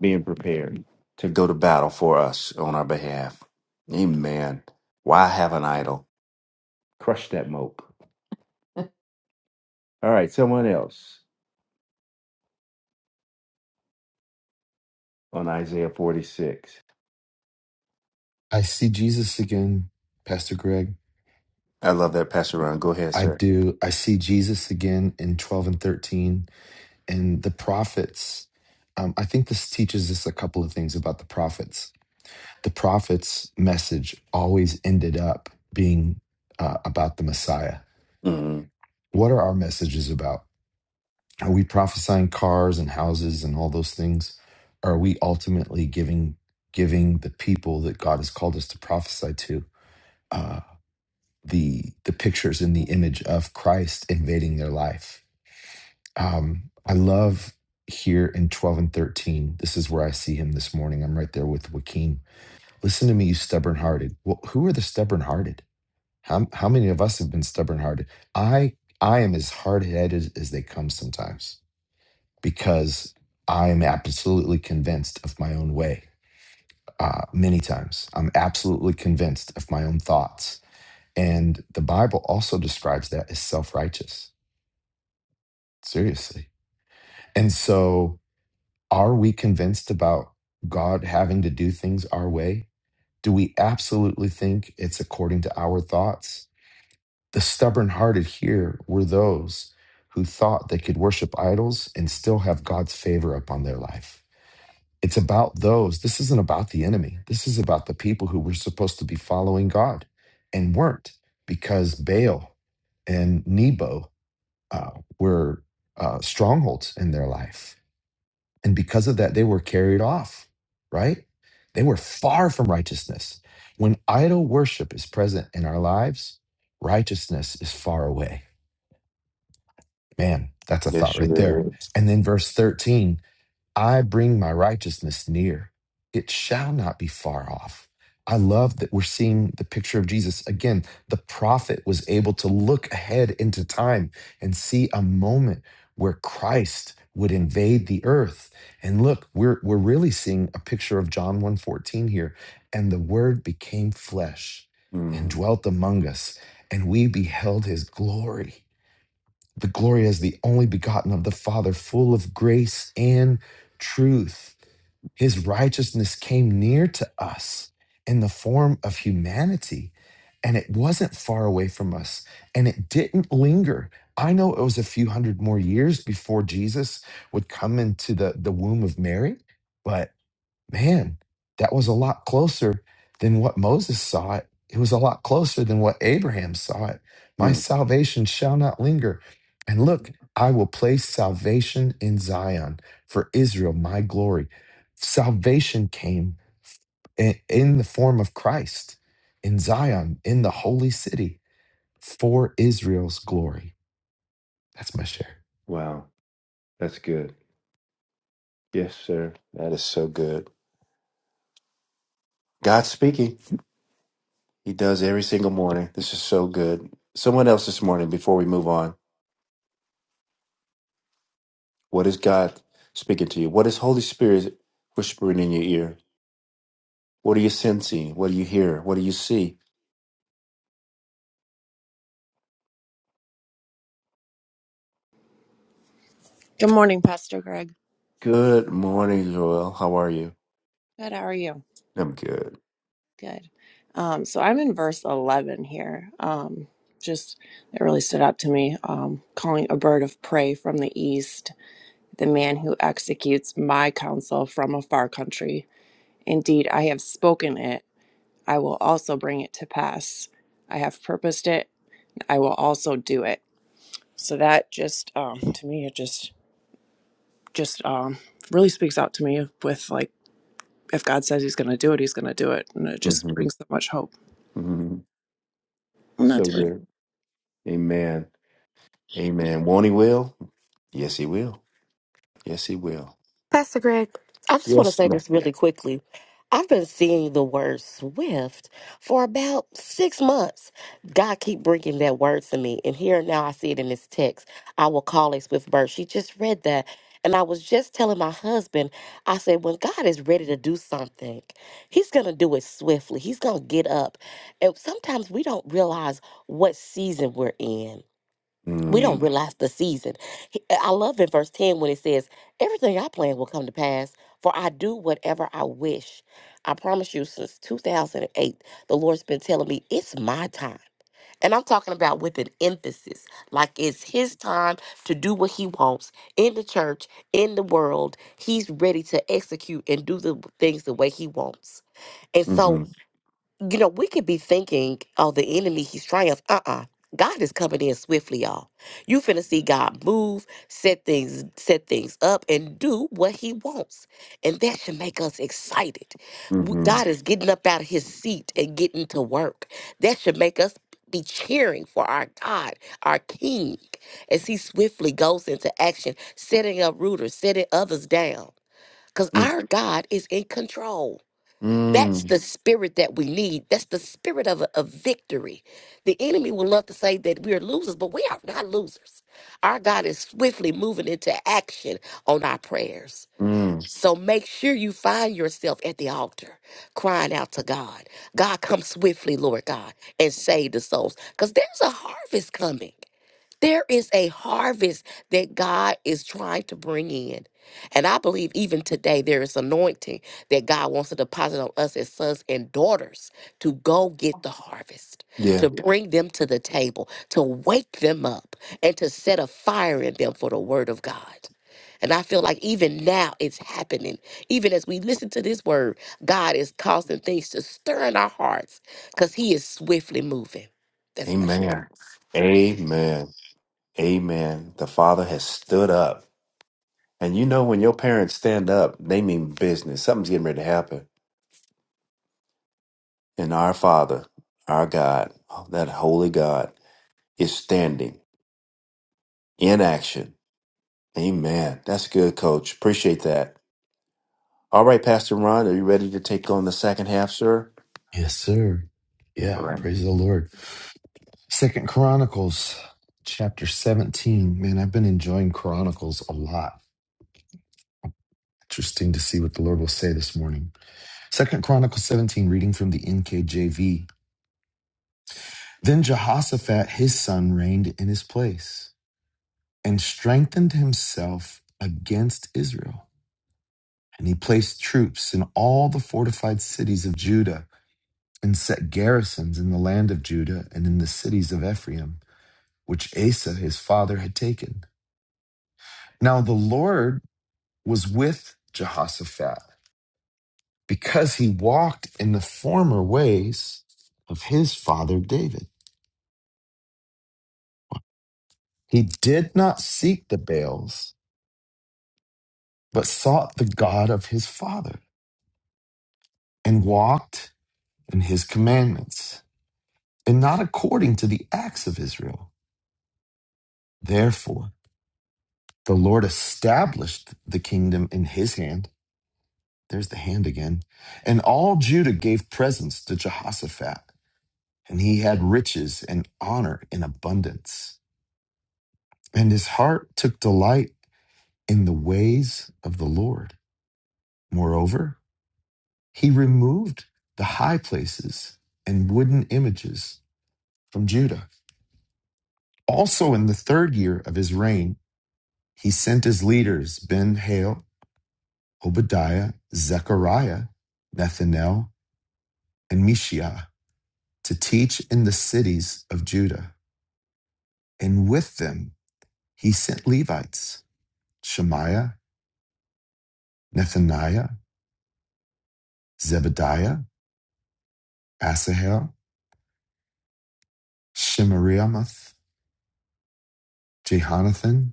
Speaker 1: being prepared to go to battle for us on our behalf. Amen. Why have an idol? Crush that mope. All right, someone else on Isaiah 46.
Speaker 5: I see Jesus again, Pastor Greg.
Speaker 1: I love that, Pastor Ron. Go ahead,
Speaker 5: I
Speaker 1: sir.
Speaker 5: do. I see Jesus again in 12 and 13 and the prophets. Um, I think this teaches us a couple of things about the prophets. The prophets' message always ended up being uh, about the Messiah.
Speaker 1: Mm,
Speaker 5: What are our messages about? Are we prophesying cars and houses and all those things? Are we ultimately giving giving the people that God has called us to prophesy to uh, the the pictures in the image of Christ invading their life? Um, I love here in 12 and 13. This is where I see him this morning. I'm right there with Joaquin. Listen to me, you stubborn hearted. Well, who are the stubborn hearted? How, how many of us have been stubborn hearted? I I am as hard headed as they come sometimes because I'm absolutely convinced of my own way. Uh, many times, I'm absolutely convinced of my own thoughts. And the Bible also describes that as self righteous, seriously. And so, are we convinced about God having to do things our way? Do we absolutely think it's according to our thoughts? The stubborn hearted here were those who thought they could worship idols and still have God's favor upon their life It's about those. This isn't about the enemy. This is about the people who were supposed to be following God and weren't because Baal and Nebo uh, were uh, strongholds in their life. And because of that, they were carried off, right? They were far from righteousness. When idol worship is present in our lives, righteousness is far away. Man, that's a
Speaker 1: yes,
Speaker 5: thought right there.
Speaker 1: sure. is.
Speaker 5: And then verse 13 I bring my righteousness near. It shall not be far off. I love that we're seeing the picture of Jesus. Again, the prophet was able to look ahead into time and see a moment where Christ would invade the earth. And look, we're we're really seeing a picture of John 1:14 here. And the word became flesh and
Speaker 1: Mm,
Speaker 5: dwelt among us, and we beheld his glory the glory as the only begotten of the Father, full of grace and truth. His righteousness came near to us in the form of humanity, and it wasn't far away from us, and it didn't linger. I know it was a few hundred more years before Jesus would come into the, the womb of Mary, but man, that was a lot closer than what Moses saw it. It was a lot closer than what Abraham saw it. My
Speaker 1: mm.
Speaker 5: salvation shall not linger. And look, I will place salvation in Zion for Israel, my glory. Salvation came i- in the form of Christ in Zion, in the holy city for Israel's glory. That's my share.
Speaker 1: Wow, that's good. Yes, sir. That is so good. God speaking. He does every single morning. This is so good. Someone else this morning before we move on. What is God speaking to you? What is Holy Spirit whispering in your ear? What are you sensing? What do you hear? What do you see?
Speaker 9: Good morning, Pastor Greg.
Speaker 1: Good morning, Joel. How are you?
Speaker 9: Good. How are you?
Speaker 1: I'm good.
Speaker 9: Good. Um, so I'm in verse 11 here. Um, just it really stood out to me. Um, calling a bird of prey from the east, the man who executes my counsel from a far country. Indeed, I have spoken it. I will also bring it to pass. I have purposed it. I will also do it. So that just um, to me, it just just um, really speaks out to me with like if God says He's going to do it, He's going to do it, and it just
Speaker 1: hmm
Speaker 9: brings so much hope.
Speaker 1: hmm
Speaker 9: And
Speaker 1: So
Speaker 9: that's my
Speaker 1: good. Amen. Amen. Won't he will? Yes, he will. Yes, he will.
Speaker 6: Pastor Greg. I just want to
Speaker 1: Yes.
Speaker 6: say
Speaker 1: Lord.
Speaker 6: this really Yes. quickly. I've been seeing the word swift for about six months. God keep bringing that word to me. And here now I see it in this text. I will call a swift bird. She just read that. And I was just telling my husband, I said, when God is ready to do something, he's going to do it swiftly. He's going to get up. And sometimes we don't realize what season we're in. we don't
Speaker 1: Mm,
Speaker 6: realize the season. He- eh, I love in verse 10 when it says, Everything I plan will come to pass, for I do whatever I wish. I promise you, since 2008, the Lord's been telling me it's my time. And I'm talking about with an emphasis, like it's his time to do what he wants in the church, in the world. He's ready to execute and do the things the way he wants. And so
Speaker 1: mm-hmm,
Speaker 6: you know, we could be thinking, oh, the enemy, he's triumph. Uh-uh. God is coming in swiftly, y'all. You finna see God move, set things, set things up, and do what he wants. And that should make us excited. W-
Speaker 1: mm-hmm,
Speaker 6: God is getting up out of his seat and getting to work. That should make us be cheering for our God, our King, as he swiftly goes into action, setting up rooters, setting others down. Because
Speaker 1: mm,
Speaker 6: our God is in control. That's
Speaker 1: mm,
Speaker 6: the spirit that we need. That's the spirit of, of victory. The enemy will love to say that we are losers, but we are not losers. Our God is swiftly moving into action on our prayers.
Speaker 1: mm.
Speaker 6: So make sure you find yourself at the altar crying out to God. God, come swiftly, Lord God, and save the souls because there's a harvest coming. There is a harvest that God is trying to bring in. And I believe even today there is anointing that God wants to deposit on us as sons and daughters to go get the harvest,
Speaker 1: Yeah.
Speaker 6: to Yeah. bring them to the table, to wake them up, and to set a fire in them for the word of God. And I feel like even now it's happening. Even as we listen to this word, God is causing things to stir in our hearts because He is swiftly moving. That's my share.
Speaker 1: Amen. Amen. Amen. The Father has stood up. And you know, when your parents stand up, they mean business. Something's getting ready to happen. And our Father, our God, that holy God, is standing in action. Amen. That's good, coach. Appreciate that. All right, Pastor Ron, are you ready to take on the second half, sir?
Speaker 5: Yes, sir.
Speaker 1: All
Speaker 5: Yeah,
Speaker 1: right.
Speaker 5: praise the Lord. Second Chronicles chapter 17. Man, I've been enjoying Chronicles a lot. Interesting to see what the Lord will say this morning. Second Chronicles 17, reading from the NKJV. Then Jehoshaphat his son reigned in his place and strengthened himself against Israel. And he placed troops in all the fortified cities of Judah and set garrisons in the land of Judah and in the cities of Ephraim, which Asa his father had taken. Now the Lord was with Jehoshaphat because he walked in the former ways of his father David. He did not seek the Baals, but sought the God of his father and walked in his commandments and not according to the acts of Israel. Therefore, the Lord established the kingdom in his hand. There's the hand again. And all Judah gave presents to Jehoshaphat, and he had riches and honor in abundance. And his heart took delight in the ways of the Lord. Moreover, he removed the high places and wooden images from Judah. Also, in the third year of his reign, he sent his leaders Ben Hale, Obadiah, Zechariah, Nethanel, and Mishiah to teach in the cities of Judah. And with them he sent Levites Shemaiah, Nethaniah, Zebediah, Asahel, Shemiramoth, Jehonathan,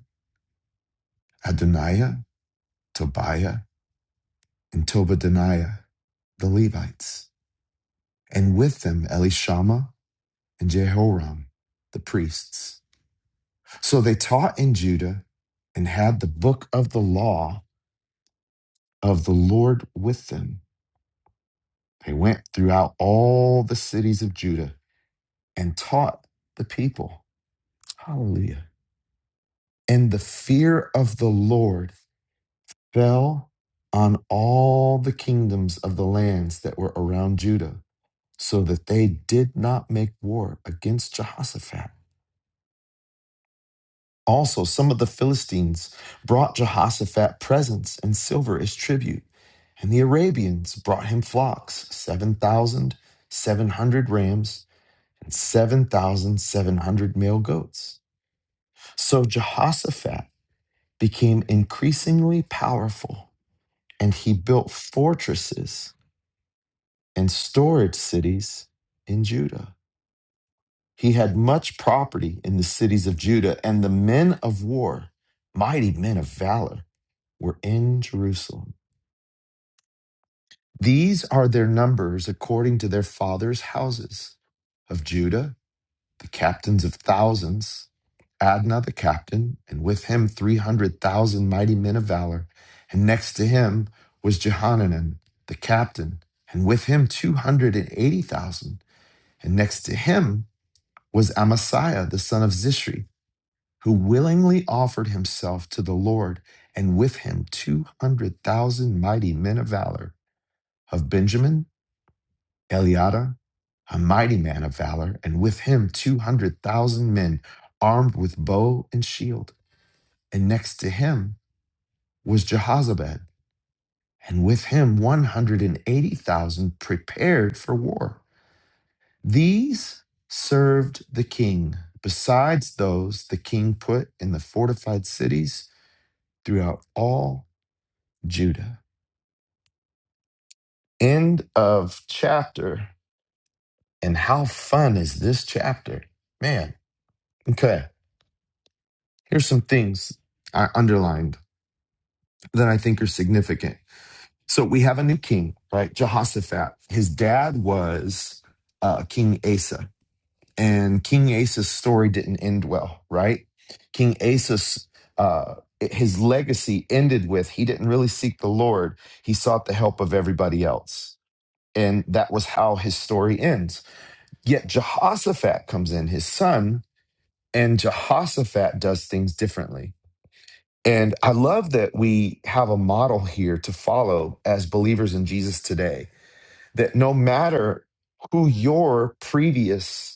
Speaker 5: Adoniah, Tobiah, and Tobadaniah, the Levites, and with them Elishama and Jehoram, the priests. So they taught in Judah and had the book of the law of the Lord with them. They went throughout all the cities of Judah and taught the people. Hallelujah. And the fear of the Lord fell on all the kingdoms of the lands that were around Judah, so that they did not make war against Jehoshaphat. Also, some of the Philistines brought Jehoshaphat presents and silver as tribute, and the Arabians brought him flocks, 7,700 rams and 7,700 male goats. So Jehoshaphat became increasingly powerful, and he built fortresses and storage cities in Judah. He had much property in the cities of Judah, and the men of war, mighty men of valor, were in Jerusalem. These are their numbers according to their fathers' houses. Of Judah, the captains of thousands, Adnah the captain, and with him 300,000 mighty men of valor. And next to him was Jehananan the captain, and with him 280,000. And eighty thousand. And next to him was Amasiah the son of Zishri, who willingly offered himself to the Lord, and with him 200,000 mighty men of valor of Benjamin, Eliada, a mighty man of valor, and with him 200,000 men armed with bow and shield. And next to him was Jehozabad, and with him 180,000 prepared for war. These served the king, besides those the king put in the fortified cities throughout all Judah. End of chapter. And how fun is this chapter? Man, okay. Here's some things I underlined that I think are significant. So we have a new king, right? Jehoshaphat. His dad was uh, King Asa. and King Asa's story didn't end well, right? King Asa's uh, his legacy ended with he didn't really seek the Lord; he sought the help of everybody else, and that was how his story ends. Yet Jehoshaphat comes in, his son, and Jehoshaphat does things differently. And I love that we have a model here to follow as believers in Jesus today. That no matter who your previous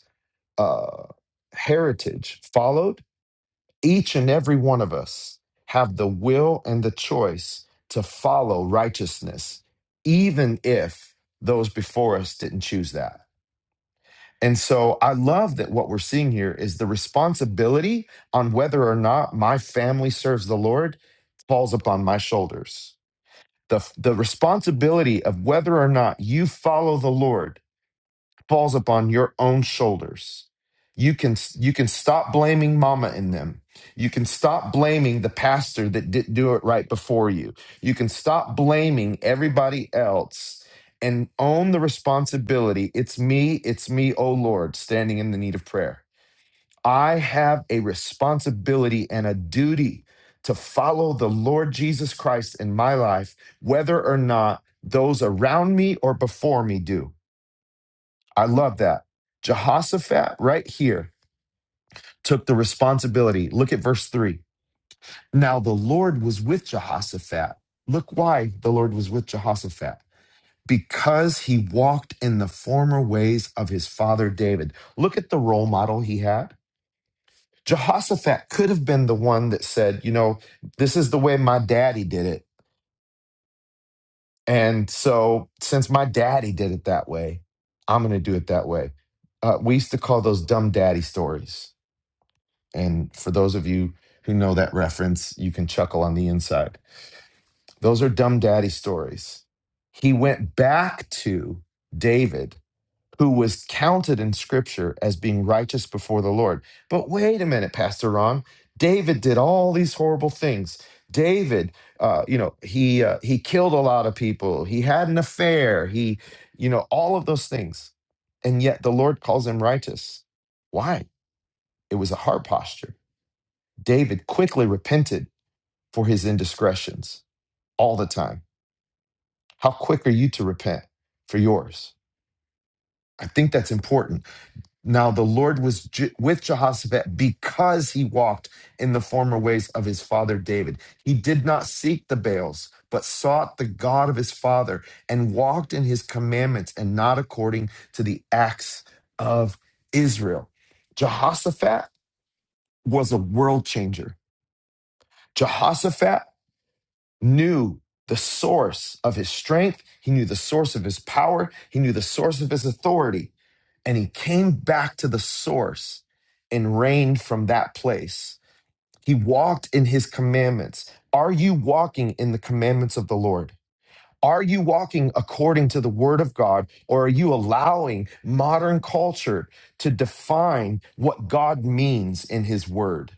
Speaker 5: uh, heritage followed, each and every one of us have the will and the choice to follow righteousness, even if those before us didn't choose that. And so I love that what we're seeing here is the responsibility on whether or not my family serves the Lord falls upon my shoulders. The, the responsibility of whether or not you follow the Lord falls upon your own shoulders. You can you can stop blaming mama in them. You can stop blaming the pastor that didn't do it right before you. You can stop blaming everybody else and own the responsibility. It's me, it's me, oh Lord, standing in the need of prayer. I have a responsibility and a duty to follow the Lord Jesus Christ in my life, whether or not those around me or before me do. I love that. Jehoshaphat, right here, took the responsibility. Look at verse three. Now the Lord was with Jehoshaphat. Look why the Lord was with Jehoshaphat. Because he walked in the former ways of his father David. Look at the role model he had. Jehoshaphat could have been the one that said, you know, this is the way my daddy did it. And so since my daddy did it that way, I'm going to do it that way. Uh, we used to call those dumb daddy stories And for those of you who know that reference, you can chuckle on the inside. Those are dumb daddy stories. He went back to David, who was counted in scripture as being righteous before the Lord. But wait a minute, Pastor Ron. David did all these horrible things. David, uh, you know, he uh, he killed a lot of people. He had an affair. He, you know, all of those things, and yet the Lord calls him righteous. Why? It was a heart posture David quickly repented for his indiscretions all the time. How quick are you to repent for yours? I think that's important. Now, the Lord was Je- with Jehoshaphat because he walked in the former ways of his father David. He did not seek the Baals, but sought the God of his father and walked in his commandments and not according to the acts of Israel. Jehoshaphat was a world changer. Jehoshaphat knew the source of his strength, he knew the source of his power, he knew the source of his authority, and he came back to the source and reigned from that place. He walked in his commandments. Are you walking in the commandments of the Lord? Are you walking according to the word of God, or are you allowing modern culture to define what God means in his word?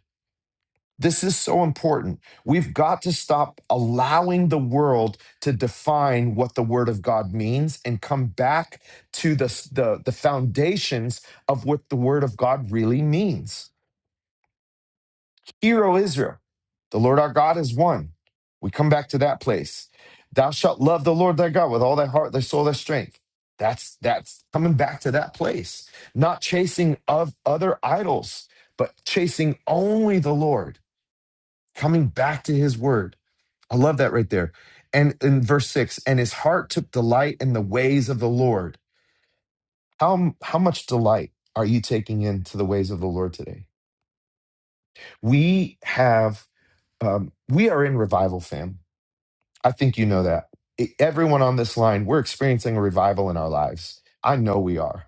Speaker 5: This is so important. We've got to stop allowing the world to define what the word of God means and come back to the, the, the foundations of what the word of God really means. Hear, O Israel, the Lord our God is one. We come back to that place. Thou shalt love the Lord thy God with all thy heart, thy soul, thy strength. That's that's coming back to that place. Not chasing of other idols, but chasing only the Lord, coming back to his word I love that right there. And in verse six, and his heart took delight in the ways of the Lord. How, how much delight are you taking into the ways of the Lord today? We have, um, we are in revival, fam. I think you know that. E- Everyone on this line, we're experiencing a revival in our lives. I know we are.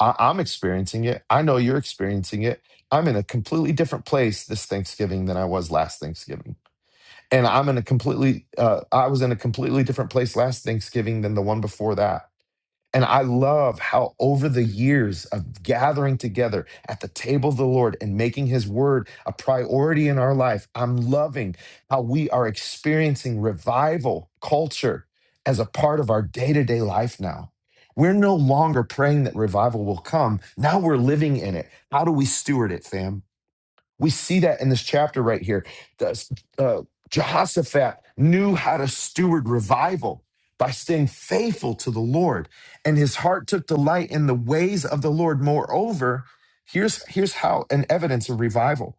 Speaker 5: I, I'm experiencing it. I know you're experiencing it. I'm in a completely different place this Thanksgiving than I was last Thanksgiving. and I'm in a completely uh, I was in a completely different place last Thanksgiving than the one before that. And I love how over the years of gathering together at the table of the Lord and making his word a priority in our life, I'm loving how we are experiencing revival culture as a part of our day-to-day life now. We're no longer praying that revival will come. Now we're living in it. How do we steward it, fam? We see that in this chapter right here. The, uh, Jehoshaphat knew how to steward revival by staying faithful to the Lord, and his heart took delight in the ways of the Lord. Moreover, here's, here's how an evidence of revival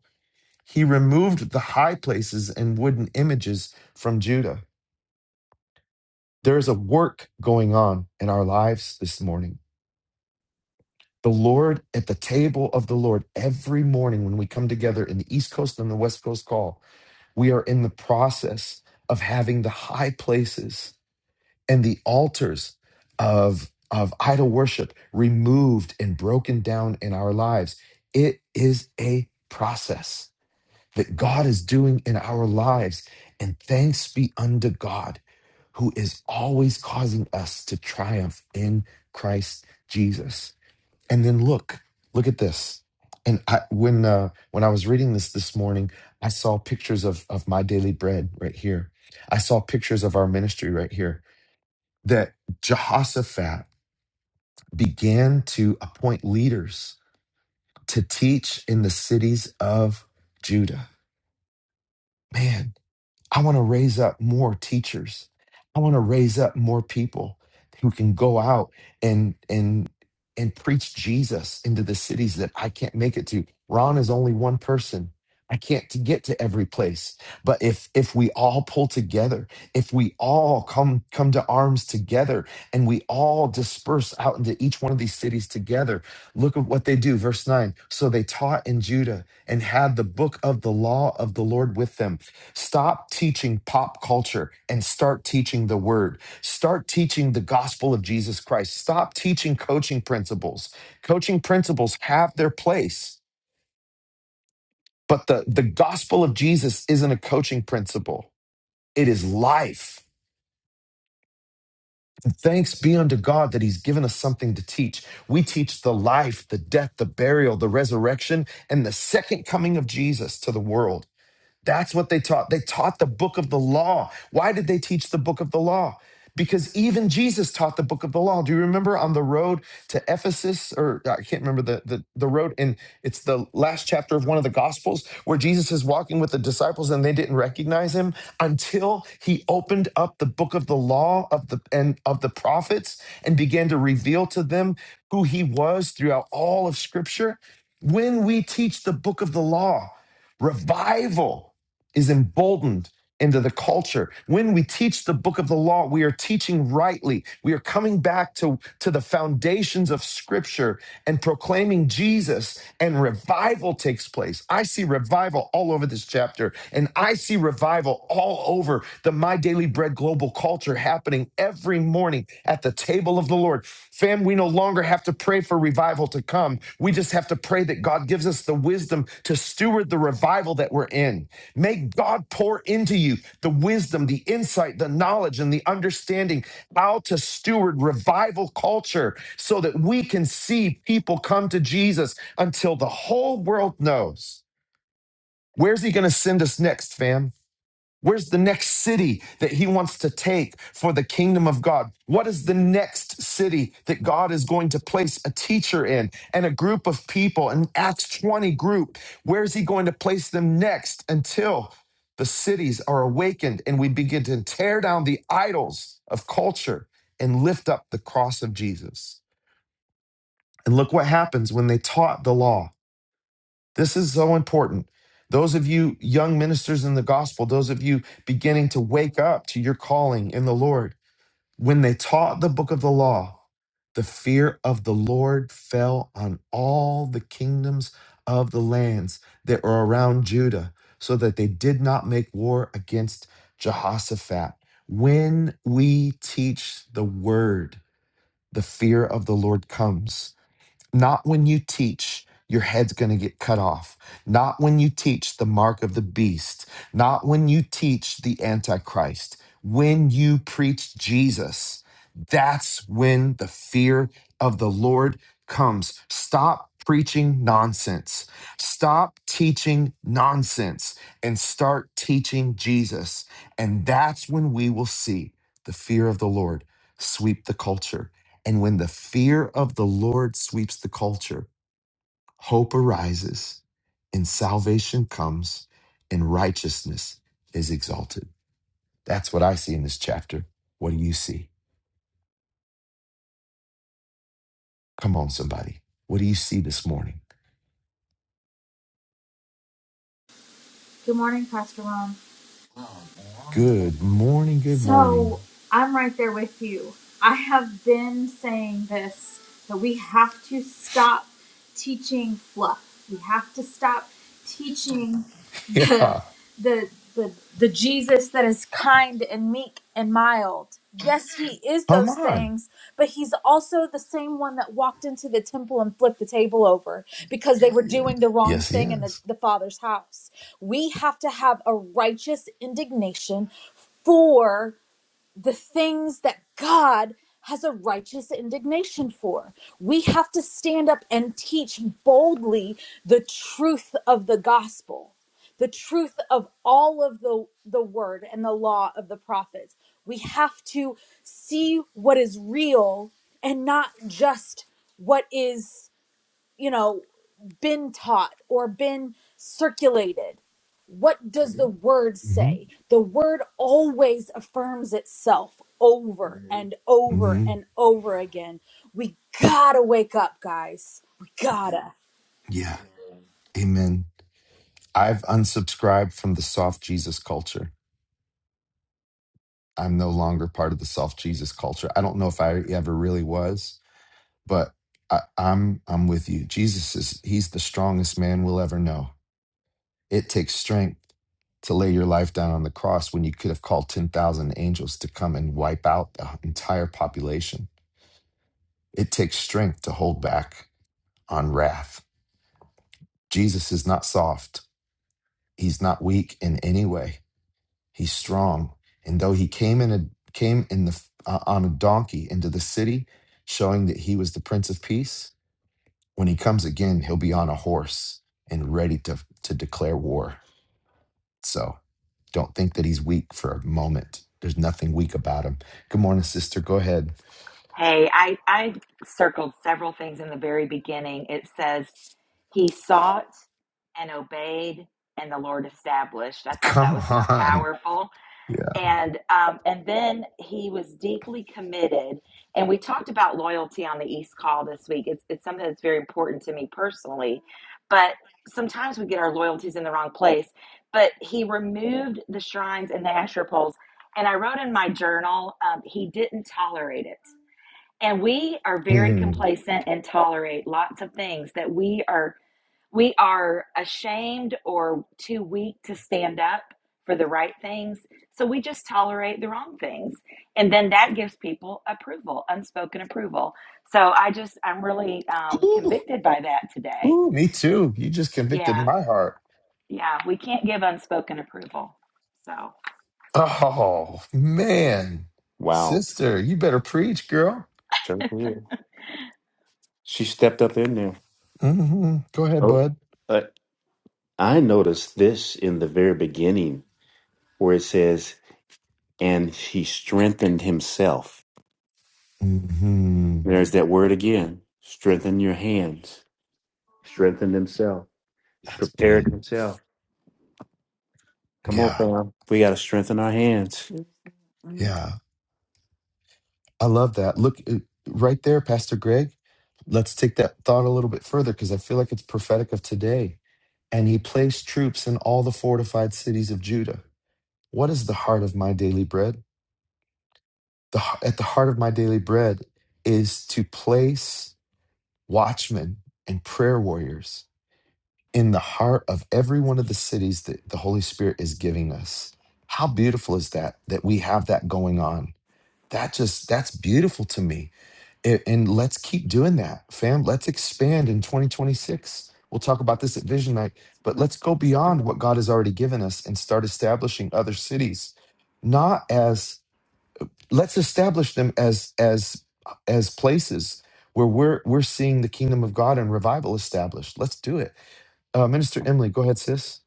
Speaker 5: he removed the high places and wooden images from Judah. There is a work going on in our lives this morning. The Lord at the table of the Lord every morning when we come together in the East Coast and the West Coast call we are in the process of having the high places and the altars of of idol worship removed and broken down in our lives it is a process that god is doing in our lives and thanks be unto god who is always causing us to triumph in christ jesus and then look look at this and i when uh when i was reading this this morning i saw pictures of of my daily bread right here i saw pictures of our ministry right here that jehoshaphat began to appoint leaders to teach in the cities of judah man I want to raise up more teachers. I want to raise up more people who can go out and and and preach Jesus into the cities that I can't make it to. Ron is only one person. I can't to get to every place. But if if we all pull together, if we all come come to arms together and we all disperse out into each one of these cities together, look at what they do verse 9. So they taught in Judah and had the book of the law of the Lord with them Stop teaching pop culture and start teaching the word. Start teaching the gospel of Jesus Christ. Stop teaching coaching principles. Coaching principles have their place, but the, the gospel of Jesus isn't a coaching principle, it is life. Thanks be unto God that He's given us something to teach. We teach the life, the death, the burial, the resurrection, and the second coming of Jesus to the world. That's what they taught. They taught the book of the law. Why did they teach the book of the law? Because even Jesus taught the book of the law. Do you remember on the road to Ephesus, or I can't remember the, the, the road, and it's the last chapter of one of the Gospels where Jesus is walking with the disciples and they didn't recognize him until he opened up the book of the law of the and of the prophets and began to reveal to them who he was throughout all of Scripture. When we teach the book of the law, revival is emboldened into the culture. When we teach the book of the law, we are teaching rightly. We are coming back to, to the foundations of scripture and proclaiming Jesus, and revival takes place. I see revival all over this chapter, and I see revival all over the My Daily Bread global culture happening every morning at the table of the Lord. Fam, we no longer have to pray for revival to come. We just have to pray that God gives us the wisdom to steward the revival that we're in. May God pour into you the wisdom, the insight, the knowledge, and the understanding how to steward revival culture so that we can see people come to Jesus until the whole world knows. Where's he going to send us next, fam? Where's the next city that he wants to take for the kingdom of God? What is the next city that God is going to place a teacher in and a group of people, an Acts 20 group? Where is he going to place them next until the cities are awakened and we begin to tear down the idols of culture and lift up the cross of Jesus? And look what happens when they taught the law. This is so important. Those of you young ministers in the gospel, those of you beginning to wake up to your calling in the Lord, when they taught the book of the law, the fear of the Lord fell on all the kingdoms of the lands that were around Judah, so that they did not make war against Jehoshaphat. When we teach the word, the fear of the Lord comes not when you teach, your head's going to get cut off. Not when you teach the mark of the beast. Not when you teach the Antichrist. When you preach Jesus, that's when the fear of the Lord comes. Stop preaching nonsense. Stop teaching nonsense and start teaching Jesus. And that's when we will see the fear of the Lord sweep the culture and when the fear of the Lord sweeps the culture, hope arises and salvation comes and righteousness is exalted. That's what I see in this chapter. What do you see? Come on, somebody. What do you see this morning?
Speaker 10: Good morning, Pastor Ron.
Speaker 5: Good morning. Good morning.
Speaker 10: So I'm right there with you. I have been saying this that we have to stop teaching fluff. We have to stop teaching the
Speaker 5: Yeah.
Speaker 10: the the, the Jesus that is kind and meek and mild. Yes, he is
Speaker 5: Come
Speaker 10: those
Speaker 5: on.
Speaker 10: things, but he's also the same one that walked into the temple and flipped the table over because they were doing the wrong
Speaker 5: Yes, he
Speaker 10: thing in the,
Speaker 5: is.
Speaker 10: the Father's house. We have to have a righteous indignation for the things that God has a righteous indignation for. We have to stand up and teach boldly the truth of the gospel, the truth of all of the, the word and the law of the prophets. We have to see what is real and not just what is you know, been taught or been circulated. What does the word
Speaker 5: hmm
Speaker 10: say? The word always affirms itself over and over
Speaker 5: hmm
Speaker 10: and over again. We gotta wake up, guys. We gotta.
Speaker 5: Yeah. Amen. I've unsubscribed from the soft Jesus culture. I'm no longer part of the soft Jesus culture. I don't know if I ever really was But I, I'm I'm with you. Jesus is he's the strongest man we'll ever know. It takes strength to lay your life down on the cross when you could have called 10,000 angels to come and wipe out the entire population. It takes strength to hold back on wrath. Jesus is not soft. He's not weak in any way. He's strong. And though he came in a came in the uh, on a donkey into the city showing that he was the prince of peace, when he comes again, he'll be on a horse and ready to, to declare war. So don't think that he's weak for a moment. There's nothing weak about him. Good morning, sister. Go ahead.
Speaker 2: Hey, I, I circled several things in the very beginning. It says, He sought and obeyed, and the Lord established. I thought that
Speaker 5: Come
Speaker 2: was so
Speaker 5: on.
Speaker 2: powerful.
Speaker 5: Yeah.
Speaker 2: and um, and then he was deeply committed. And we talked about loyalty on the East Call this week. It's it's something that's very important to me personally, but sometimes we get our loyalties in the wrong place. But he removed the shrines and the Asher poles, and I wrote in my journal um, he didn't tolerate it. And we are very
Speaker 5: Mm.
Speaker 2: complacent and tolerate lots of things that we are we are ashamed or too weak to stand up for the right things. So we just tolerate the wrong things. And then that gives people approval, unspoken approval. So I just, I'm really um,
Speaker 5: Ooh,
Speaker 2: convicted by that today.
Speaker 5: ooh, me too. You just convicted
Speaker 2: Yeah.
Speaker 5: my heart.
Speaker 2: Yeah. We can't give unspoken approval. So,
Speaker 5: Oh, man.
Speaker 1: Wow.
Speaker 5: Sister, you better preach, girl.
Speaker 1: Certainly. She stepped up in there.
Speaker 5: hmm Go ahead,
Speaker 1: Oh,
Speaker 5: bud.
Speaker 1: uh, I noticed this in the very beginning where it says, and he strengthened himself.
Speaker 5: hmm
Speaker 1: There's that word again. Strengthen your hands. Strengthen themselves.
Speaker 5: That's
Speaker 1: Prepare
Speaker 5: good.
Speaker 1: themselves. Come on,
Speaker 5: Yeah.
Speaker 1: fam. We got to strengthen our hands. Right?
Speaker 5: Yeah. I love that. Look uh, right there, Pastor Greg. Let's take that thought a little bit further because I feel like it's prophetic of today. And he placed troops in all the fortified cities of Judah. What is the heart of my daily bread? The, at the heart of my daily bread is to place watchmen and prayer warriors in the heart of every one of the cities that the Holy Spirit is giving us. How beautiful is that, that we have that going on? that just that's beautiful to me and, and let's keep doing that fam let's expand in 2026 we'll talk about this at vision night but let's go beyond what god has already given us and start establishing other cities not as let's establish them as as as places where we're we're seeing the kingdom of god and revival established let's do it uh, minister emily go ahead sis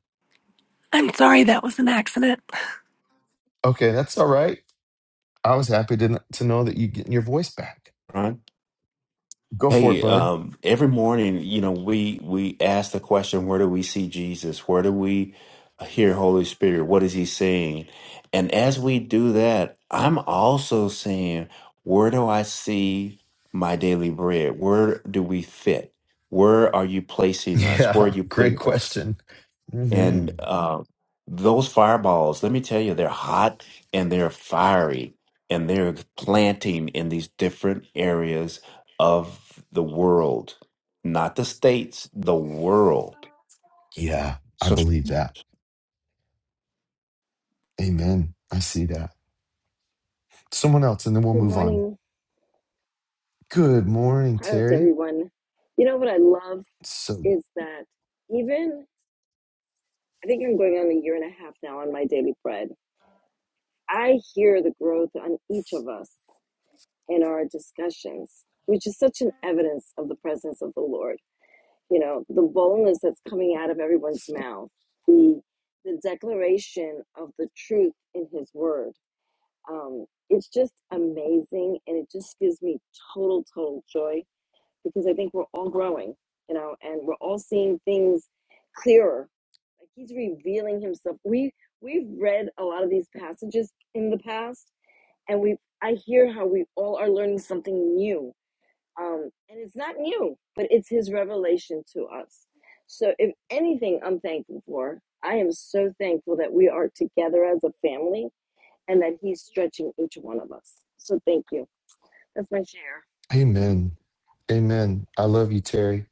Speaker 11: I'm sorry that was an accident.
Speaker 5: okay that's all right i was happy to, to know that you getting your voice back go for it
Speaker 1: Hey,
Speaker 5: bud
Speaker 1: um, every morning, you know, we we ask the question, where do we see Jesus? Where do we hear Holy Spirit? What is he saying? And as we do that, I'm also saying, where do I see my daily bread? Where do we fit? Where are you placing us? Where
Speaker 5: yeah
Speaker 1: are you
Speaker 5: great
Speaker 1: putting us?
Speaker 5: question hmm
Speaker 1: And uh, those fireballs, let me tell you, they're hot and they're fiery, and they're planting in these different areas of the world, not the states, the world.
Speaker 5: Yeah, I
Speaker 1: So
Speaker 5: believe that. Amen. I see that. Someone else, and then we'll
Speaker 12: Good
Speaker 5: move on.
Speaker 12: morning.
Speaker 5: Good morning,
Speaker 12: How's
Speaker 5: Terry.
Speaker 12: everyone? You know what I love
Speaker 5: So,
Speaker 12: is that even I think I'm going on a year and a half now on my daily bread. I hear the growth on each of us in our discussions, which is such an evidence of the presence of the Lord. You know, the boldness that's coming out of everyone's mouth, the the declaration of the truth in His Word. Um, it's just amazing, and it just gives me total, total joy because I think we're all growing, you know, and we're all seeing things clearer. Like he's revealing himself. We we've read a lot of these passages in the past, and we I hear how we all are learning something new. Um, and it's not new, but it's his revelation to us. So if anything, I'm thankful for. I am so thankful that we are together as a family and that he's stretching each one of us. So thank you. That's my share.
Speaker 5: amen. Amen. I love you, Terry.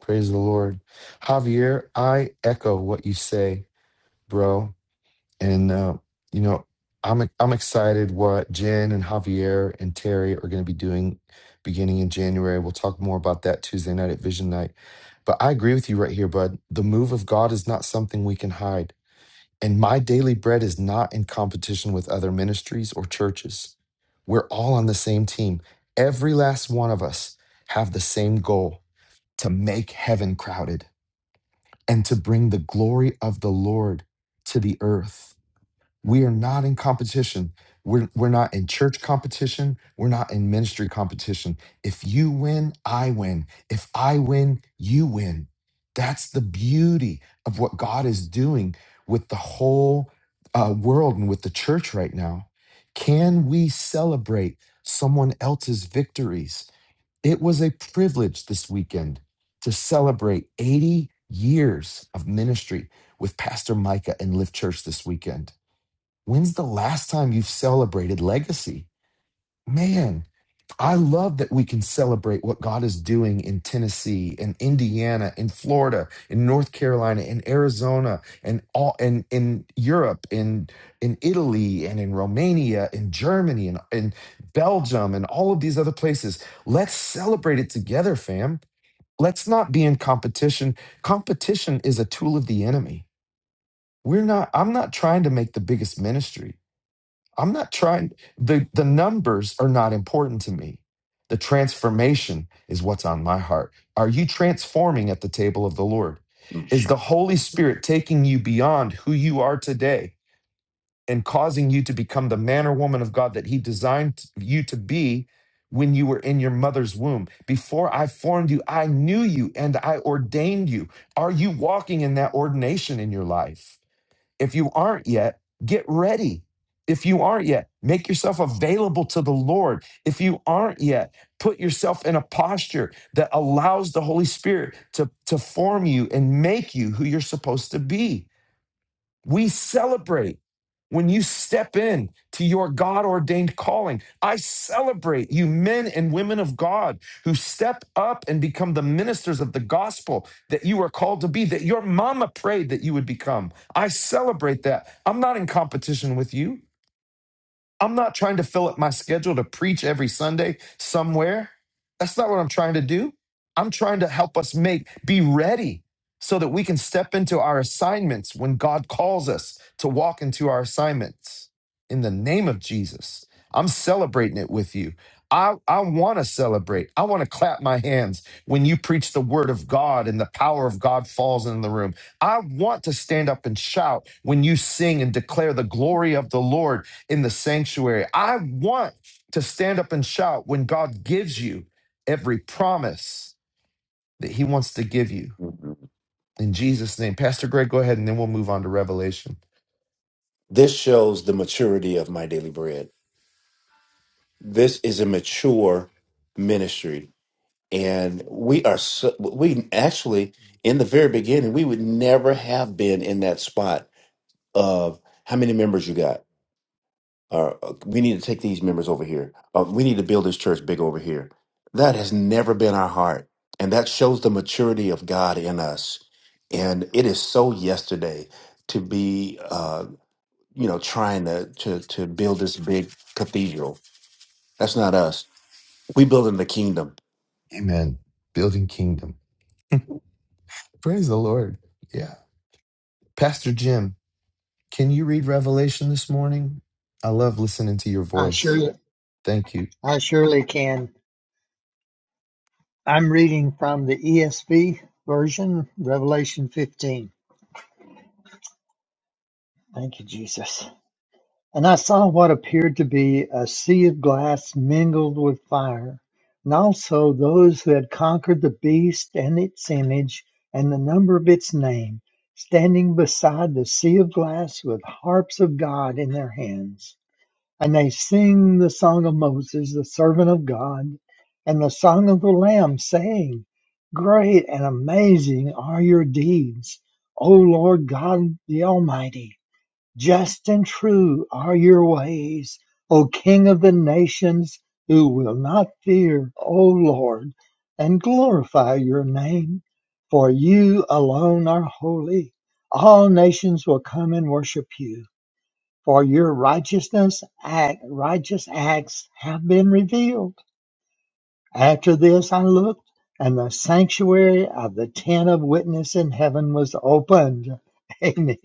Speaker 5: Praise the Lord. Javier, I echo what you say, bro. And, uh, you know, I'm, I'm excited what Jen and Javier and Terry are going to be doing beginning in January. We'll talk more about that Tuesday night at Vision Night. But I agree with you right here, bud. The move of God is not something we can hide. And my daily bread is not in competition with other ministries or churches. We're all on the same team. Every last one of us have the same goal to make heaven crowded and to bring the glory of the Lord to the earth. We are not in competition. We're, we're not in church competition. We're not in ministry competition. If you win, I win. If I win, you win. That's the beauty of what God is doing with the whole uh, world and with the church right now. Can we celebrate someone else's victories? It was a privilege this weekend to celebrate 80 years of ministry with Pastor Micah and Lift Church this weekend. When's the last time you've celebrated legacy? Man, I love that we can celebrate what God is doing in Tennessee and Indiana and Florida and North Carolina and Arizona and all and in Europe and in Italy and in Romania and Germany and in Belgium and all of these other places. Let's celebrate it together, fam. Let's not be in competition. Competition is a tool of the enemy. We're not, I'm not trying to make the biggest ministry. I'm not trying the the numbers are not important to me. The transformation is what's on my heart. Are you transforming at the table of the Lord? Is the Holy Spirit taking you beyond who you are today and causing you to become the man or woman of God that he designed you to be when you were in your mother's womb? Before I formed you, I knew you and I ordained you. Are you walking in that ordination in your life? If you aren't yet, get ready. If you aren't yet, make yourself available to the Lord. If you aren't yet, put yourself in a posture that allows the Holy Spirit to, to form you and make you who you're supposed to be. We celebrate when you step in to your God ordained calling. I celebrate you, men and women of God, who step up and become the ministers of the gospel that you are called to be, that your mama prayed that you would become. I celebrate that. I'm not in competition with you. I'm not trying to fill up my schedule to preach every Sunday somewhere. That's not what I'm trying to do. I'm trying to help us make, be ready so that we can step into our assignments when God calls us to walk into our assignments in the name of Jesus. I'm celebrating it with you. I, I want to celebrate. I want to clap my hands when you preach the word of God and the power of God falls in the room. I want to stand up and shout when you sing and declare the glory of the Lord in the sanctuary. I want to stand up and shout when God gives you every promise that He wants to give you.
Speaker 1: Mhm.
Speaker 5: In Jesus' name. Pastor Greg, go ahead and then we'll move on to Revelation.
Speaker 1: this shows the maturity of my daily bread. This is a mature ministry, and we are so, we actually in the very beginning we would never have been in that spot of how many members you got or uh, we need to take these members over here. Uh, we need to build this church big over here. That has never been our heart. And that shows the maturity of God in us. And it is so yesterday to be, uh, you know, trying to, to, to build this big cathedral. That's not us. We building the kingdom.
Speaker 5: Amen. Building kingdom. Praise the Lord. Yeah. Pastor Jim, can you read Revelation this morning? I love listening to your
Speaker 3: I
Speaker 5: voice.
Speaker 3: surely,
Speaker 5: Thank you.
Speaker 3: I surely can. I'm reading from the ESV version, Revelation 15. Thank you, Jesus. And I saw what appeared to be a sea of glass mingled with fire, and also those who had conquered the beast and its image and the number of its name, standing beside the sea of glass with harps of God in their hands. And they sing the song of Moses, the servant of God, and the song of the Lamb, saying, Great and amazing are your deeds, O Lord God the Almighty. Just and true are your ways, O King of the nations, who will not fear, O Lord, and glorify your name. For you alone are holy. All nations will come and worship you, for your righteousness act, righteous acts have been revealed. After this I looked, and the sanctuary of the tent of witness in heaven was opened. Amen.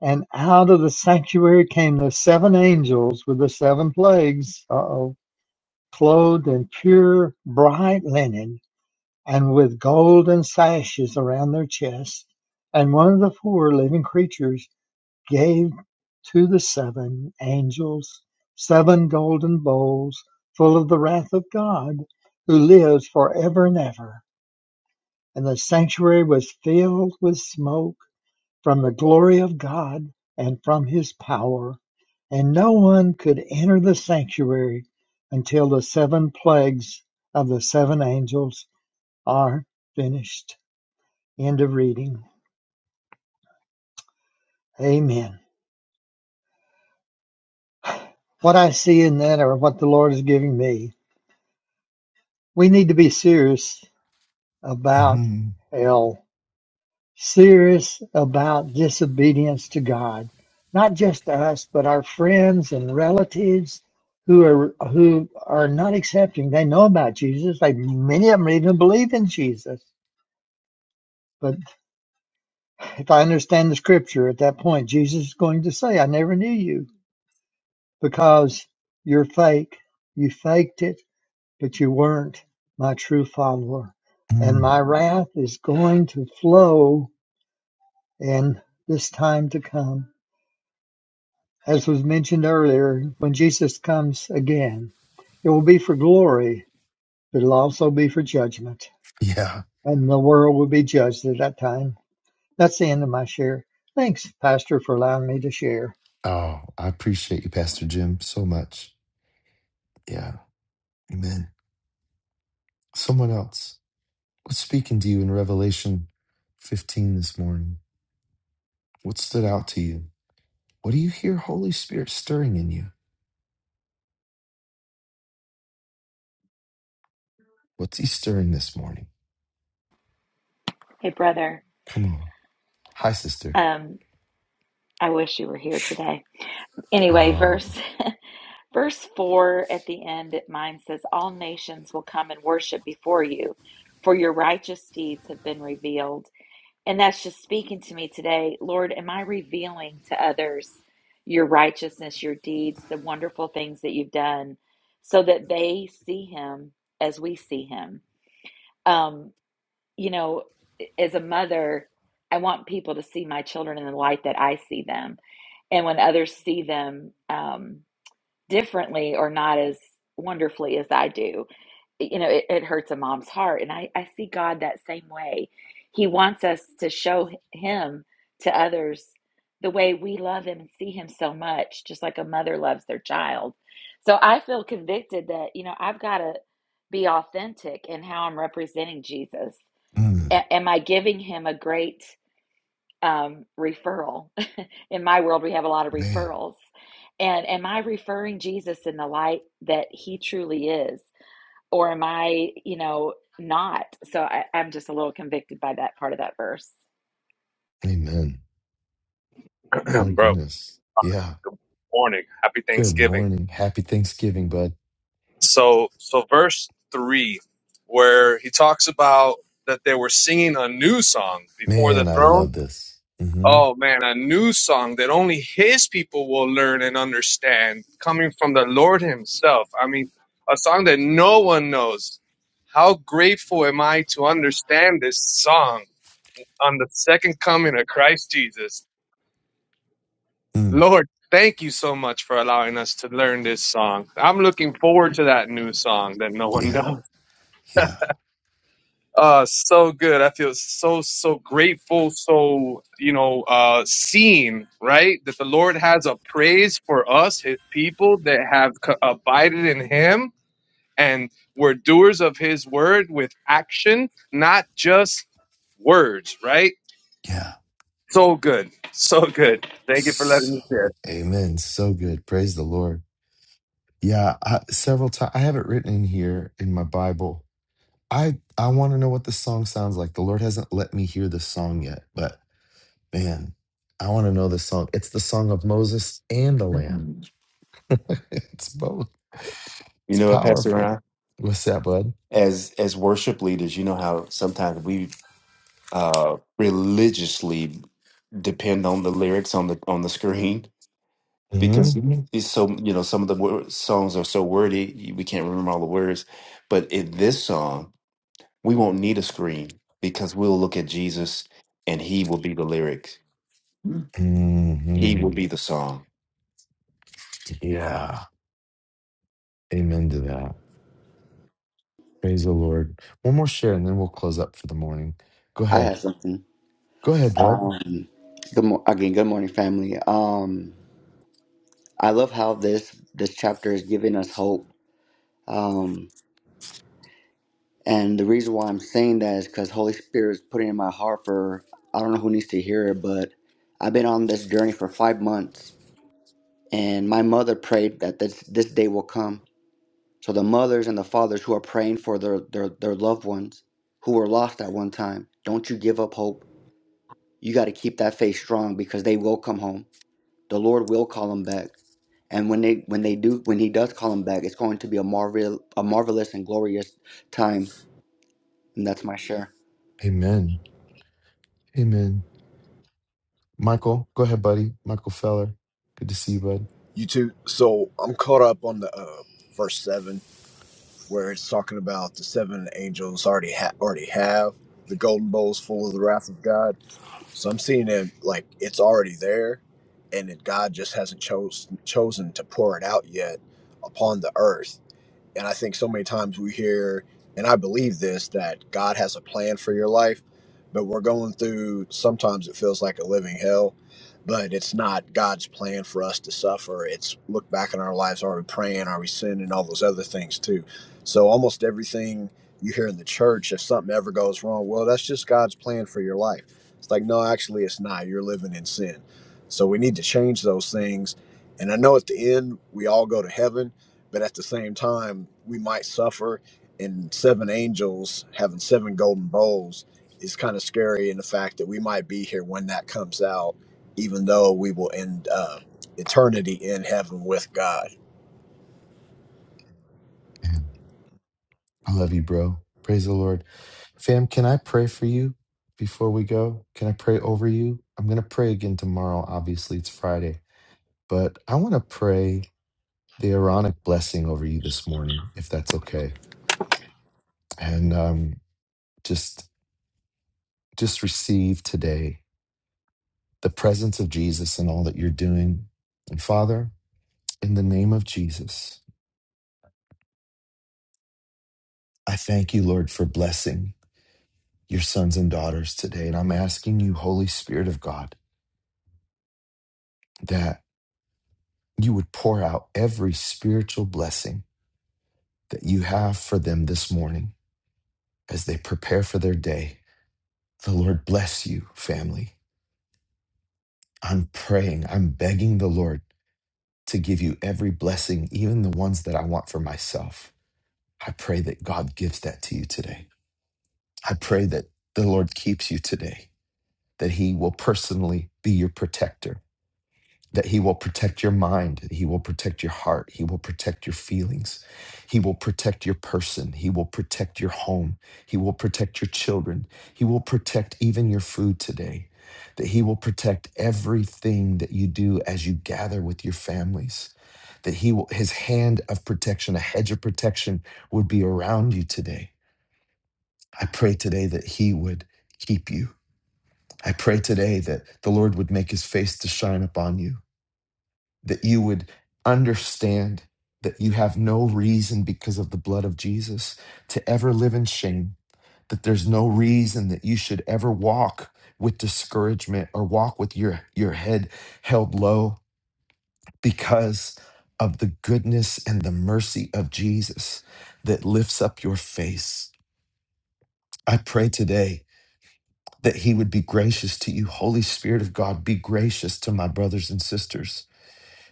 Speaker 3: And out of the sanctuary came the seven angels with the seven plagues, uh-oh, clothed in pure, bright linen, and with golden sashes around their chests. And one of the four living creatures gave to the seven angels seven golden bowls full of the wrath of God, who lives forever and ever. And the sanctuary was filled with smoke from the glory of God and from his power. And no one could enter the sanctuary until the seven plagues of the seven angels are finished. End of reading. Amen. What I see in that, or what the Lord is giving me, we need to be serious about
Speaker 5: Mhm.
Speaker 3: hell serious about disobedience to God, not just us, but our friends and relatives who are who are not accepting. They know about Jesus. Like many of them even believe in Jesus. But if I understand the scripture at that point, Jesus is going to say, I never knew you because you're fake. You faked it, but you weren't my true follower. And
Speaker 5: Mm.
Speaker 3: my wrath is going to flow in this time to come As was mentioned earlier, when Jesus comes again, it will be for glory, but it'll also be for judgment.
Speaker 5: Yeah.
Speaker 3: And the world will be judged at that time. That's the end of my share. Thanks, Pastor, for allowing me to share.
Speaker 5: Oh, I appreciate you, Pastor Jim, so much. Yeah. Amen. Someone else. What's speaking to you in Revelation 15 this morning? What stood out to you? What do you hear Holy Spirit stirring in you? What's he stirring this morning?
Speaker 2: hey, brother,
Speaker 5: Come on. Hi, sister.
Speaker 2: um, I wish you were here today. Anyway,
Speaker 5: Uh,
Speaker 2: verse Verse 4 at the end, it mine says, All nations will come and worship before you, for your righteous deeds have been revealed. And that's just speaking to me today. Lord, am I revealing to others your righteousness, your deeds, the wonderful things that you've done, so that they see him as we see him? Um, you know, as a mother, I want people to see my children in the light that I see them. And when others see them, um, differently or not as wonderfully as I do. You know, it, it hurts a mom's heart. And I, I see God that same way. He wants us to show Him to others the way we love Him and see Him so much, just like a mother loves their child. So I feel convicted that, you know, I've got to be authentic in how I'm representing Jesus.
Speaker 5: mm,
Speaker 2: A- am I giving Him a great um, referral. in my world, we have a lot of
Speaker 5: man.
Speaker 2: referrals. And am I referring Jesus in the light that he truly is? Or am I, you know, not? So I, I'm just a little convicted by that part of that verse.
Speaker 5: Amen. My
Speaker 13: Bro,
Speaker 5: goodness. Yeah.
Speaker 13: good morning. Happy
Speaker 5: Good
Speaker 13: Thanksgiving.
Speaker 5: morning. Happy Thanksgiving, bud.
Speaker 13: So, so verse three, where he talks about that they were singing a new song before the
Speaker 5: Man, I
Speaker 13: throne.
Speaker 5: love this. Mm-hmm.
Speaker 13: Oh man, a new song that only his people will learn and understand, coming from the Lord himself. I mean, a song that no one knows. How grateful am I to understand this song on the second coming of Christ Jesus?
Speaker 5: Mm,
Speaker 13: Lord, thank you so much for allowing us to learn this song. I'm looking forward to that new song that no one
Speaker 5: yeah.
Speaker 13: knows.
Speaker 5: Yeah.
Speaker 13: Uh, so good. I feel so, so grateful. So, you know, uh, seen, right? That the Lord has a praise for us, his people that have co- abided in him and were doers of his word with action, not just words, right?
Speaker 5: Yeah.
Speaker 13: So good. So good. Thank you for letting
Speaker 5: So,
Speaker 13: me share.
Speaker 5: amen. So good. Praise the Lord. Yeah. I, several times. I have it written in here in my Bible I I want to know what this song sounds like. The Lord hasn't let me hear this song yet, but man, I want to know this song. It's the song of Moses and the
Speaker 1: You
Speaker 5: Lamb. it's both. It's
Speaker 1: know what, Pastor
Speaker 5: powerful.
Speaker 1: Ron?
Speaker 5: What's that, bud?
Speaker 1: As as worship leaders, you know how sometimes we uh religiously depend on the lyrics on the on the screen
Speaker 5: hmm
Speaker 1: because Mhm. it's so you know some of the wor- songs are so wordy we can't remember all the words but in this song we won't need a screen because we'll look at jesus and he will be the lyrics Mhm. he
Speaker 5: hmm
Speaker 1: will be the song
Speaker 5: Yeah. Amen to that. Praise the Lord. One more share, and then we'll close up for the morning. Go
Speaker 4: I
Speaker 5: ahead.
Speaker 4: have something.
Speaker 5: Go ahead, bud.
Speaker 4: Um, good mo- again, good morning, family. Um, I love how this this chapter is giving us hope. Um, And the reason why I'm saying that is because Holy Spirit is putting it in my heart for I don't know who needs to hear it, but I've been on this journey for five months, and my mother prayed that this this day will come. So the mothers and the fathers who are praying for their their, their loved ones who were lost at one time, don't you give up hope. You got to keep that faith strong because they will come home. The Lord will call them back, and when they when they do when He does call them back, it's going to be a marvel a marvelous and glorious time. And that's my share.
Speaker 5: Amen. Amen. Michael, go ahead, buddy. Michael Feller. Good to see you, bud.
Speaker 14: You too. So I'm caught up on the uh, verse seven, where it's talking about the seven angels already ha- already have the golden bowls full of the wrath of God. So I'm seeing it like it's already there, and that God just hasn't chose chosen to pour it out yet upon the earth. And I think so many times we hear, and I believe this, that God has a plan for your life, but we're going through, sometimes it feels like a living hell, but it's not God's plan for us to suffer. It's look back in our lives. Are we praying? Are we sinning? All those other things too. So almost everything you hear in the church, if something ever goes wrong, well, that's just God's plan for your life. It's like, no, actually, it's not. You're living in sin. So we need to change those things. And I know at the end, we all go to heaven but at the same time we might suffer and seven angels having seven golden bowls is kind of scary in the fact that we might be here when that comes out even though we will end uh, eternity in heaven with god
Speaker 5: I love you, bro. Praise the Lord. Fam, can I pray for you before we go? Can I pray over you? I'm going to pray again tomorrow. Obviously, it's Friday, but I want to pray the Aaronic blessing over you this morning, if that's okay. And um, just just receive today the presence of Jesus and all that you're doing. And Father, in the name of Jesus, I thank you, Lord, for blessing your sons and daughters today. And I'm asking you, Holy Spirit of God, that you would pour out every spiritual blessing that you have for them this morning as they prepare for their day. The Lord bless you, family. I'm praying, I'm begging the Lord to give you every blessing, even the ones that I want for myself. I pray that God gives that to you today. I pray that the Lord keeps you today, that He will personally be your protector that he will protect your mind, he will protect your heart, he will protect your feelings, he will protect your person, he will protect your home, he will protect your children, he will protect even your food today. That he will protect everything that you do as you gather with your families. That he will, his hand of protection, a hedge of protection would be around you today. I pray today that he would keep you. I pray today that the Lord would make his face to shine upon you that you would understand that you have no reason because of the blood of Jesus to ever live in shame, that there's no reason that you should ever walk with discouragement or walk with your, your head held low because of the goodness and the mercy of Jesus that lifts up your face. I pray today that he would be gracious to you. Holy Spirit of God, be gracious to my brothers and sisters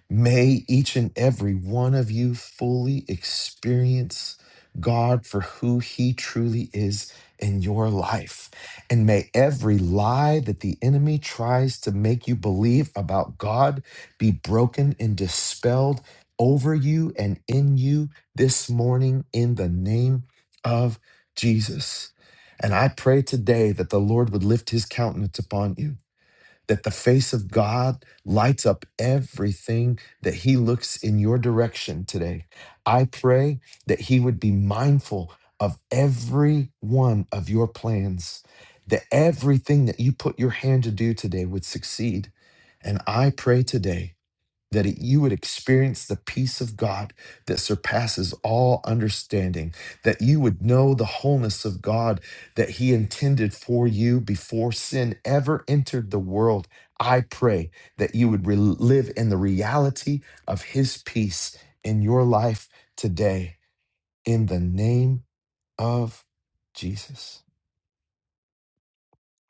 Speaker 5: May each and every one of you fully experience God for who he truly is in your life. And may every lie that the enemy tries to make you believe about God be broken and dispelled over you and in you this morning in the name of Jesus. And I pray today that the Lord would lift his countenance upon you that the face of God lights up everything that He looks in your direction today. I pray that He would be mindful of every one of your plans, that everything that you put your hand to do today would succeed. And I pray today that it, you would experience the peace of God that surpasses all understanding, that you would know the wholeness of God that He intended for you before sin ever entered the world. I pray that you would re- live in the reality of His peace in your life today, in the name of Jesus.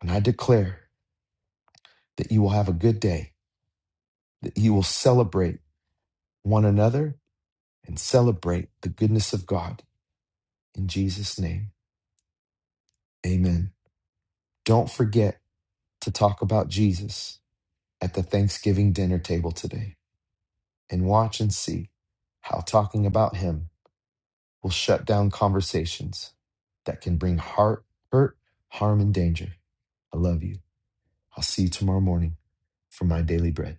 Speaker 5: And I declare that you will have a good day, that you will celebrate one another and celebrate the goodness of God In Jesus' name, amen. Don't forget to talk about Jesus at the Thanksgiving dinner table today and watch and see how talking about him will shut down conversations that can bring heart, hurt, harm, and danger. I love you. I'll see you tomorrow morning for my daily bread.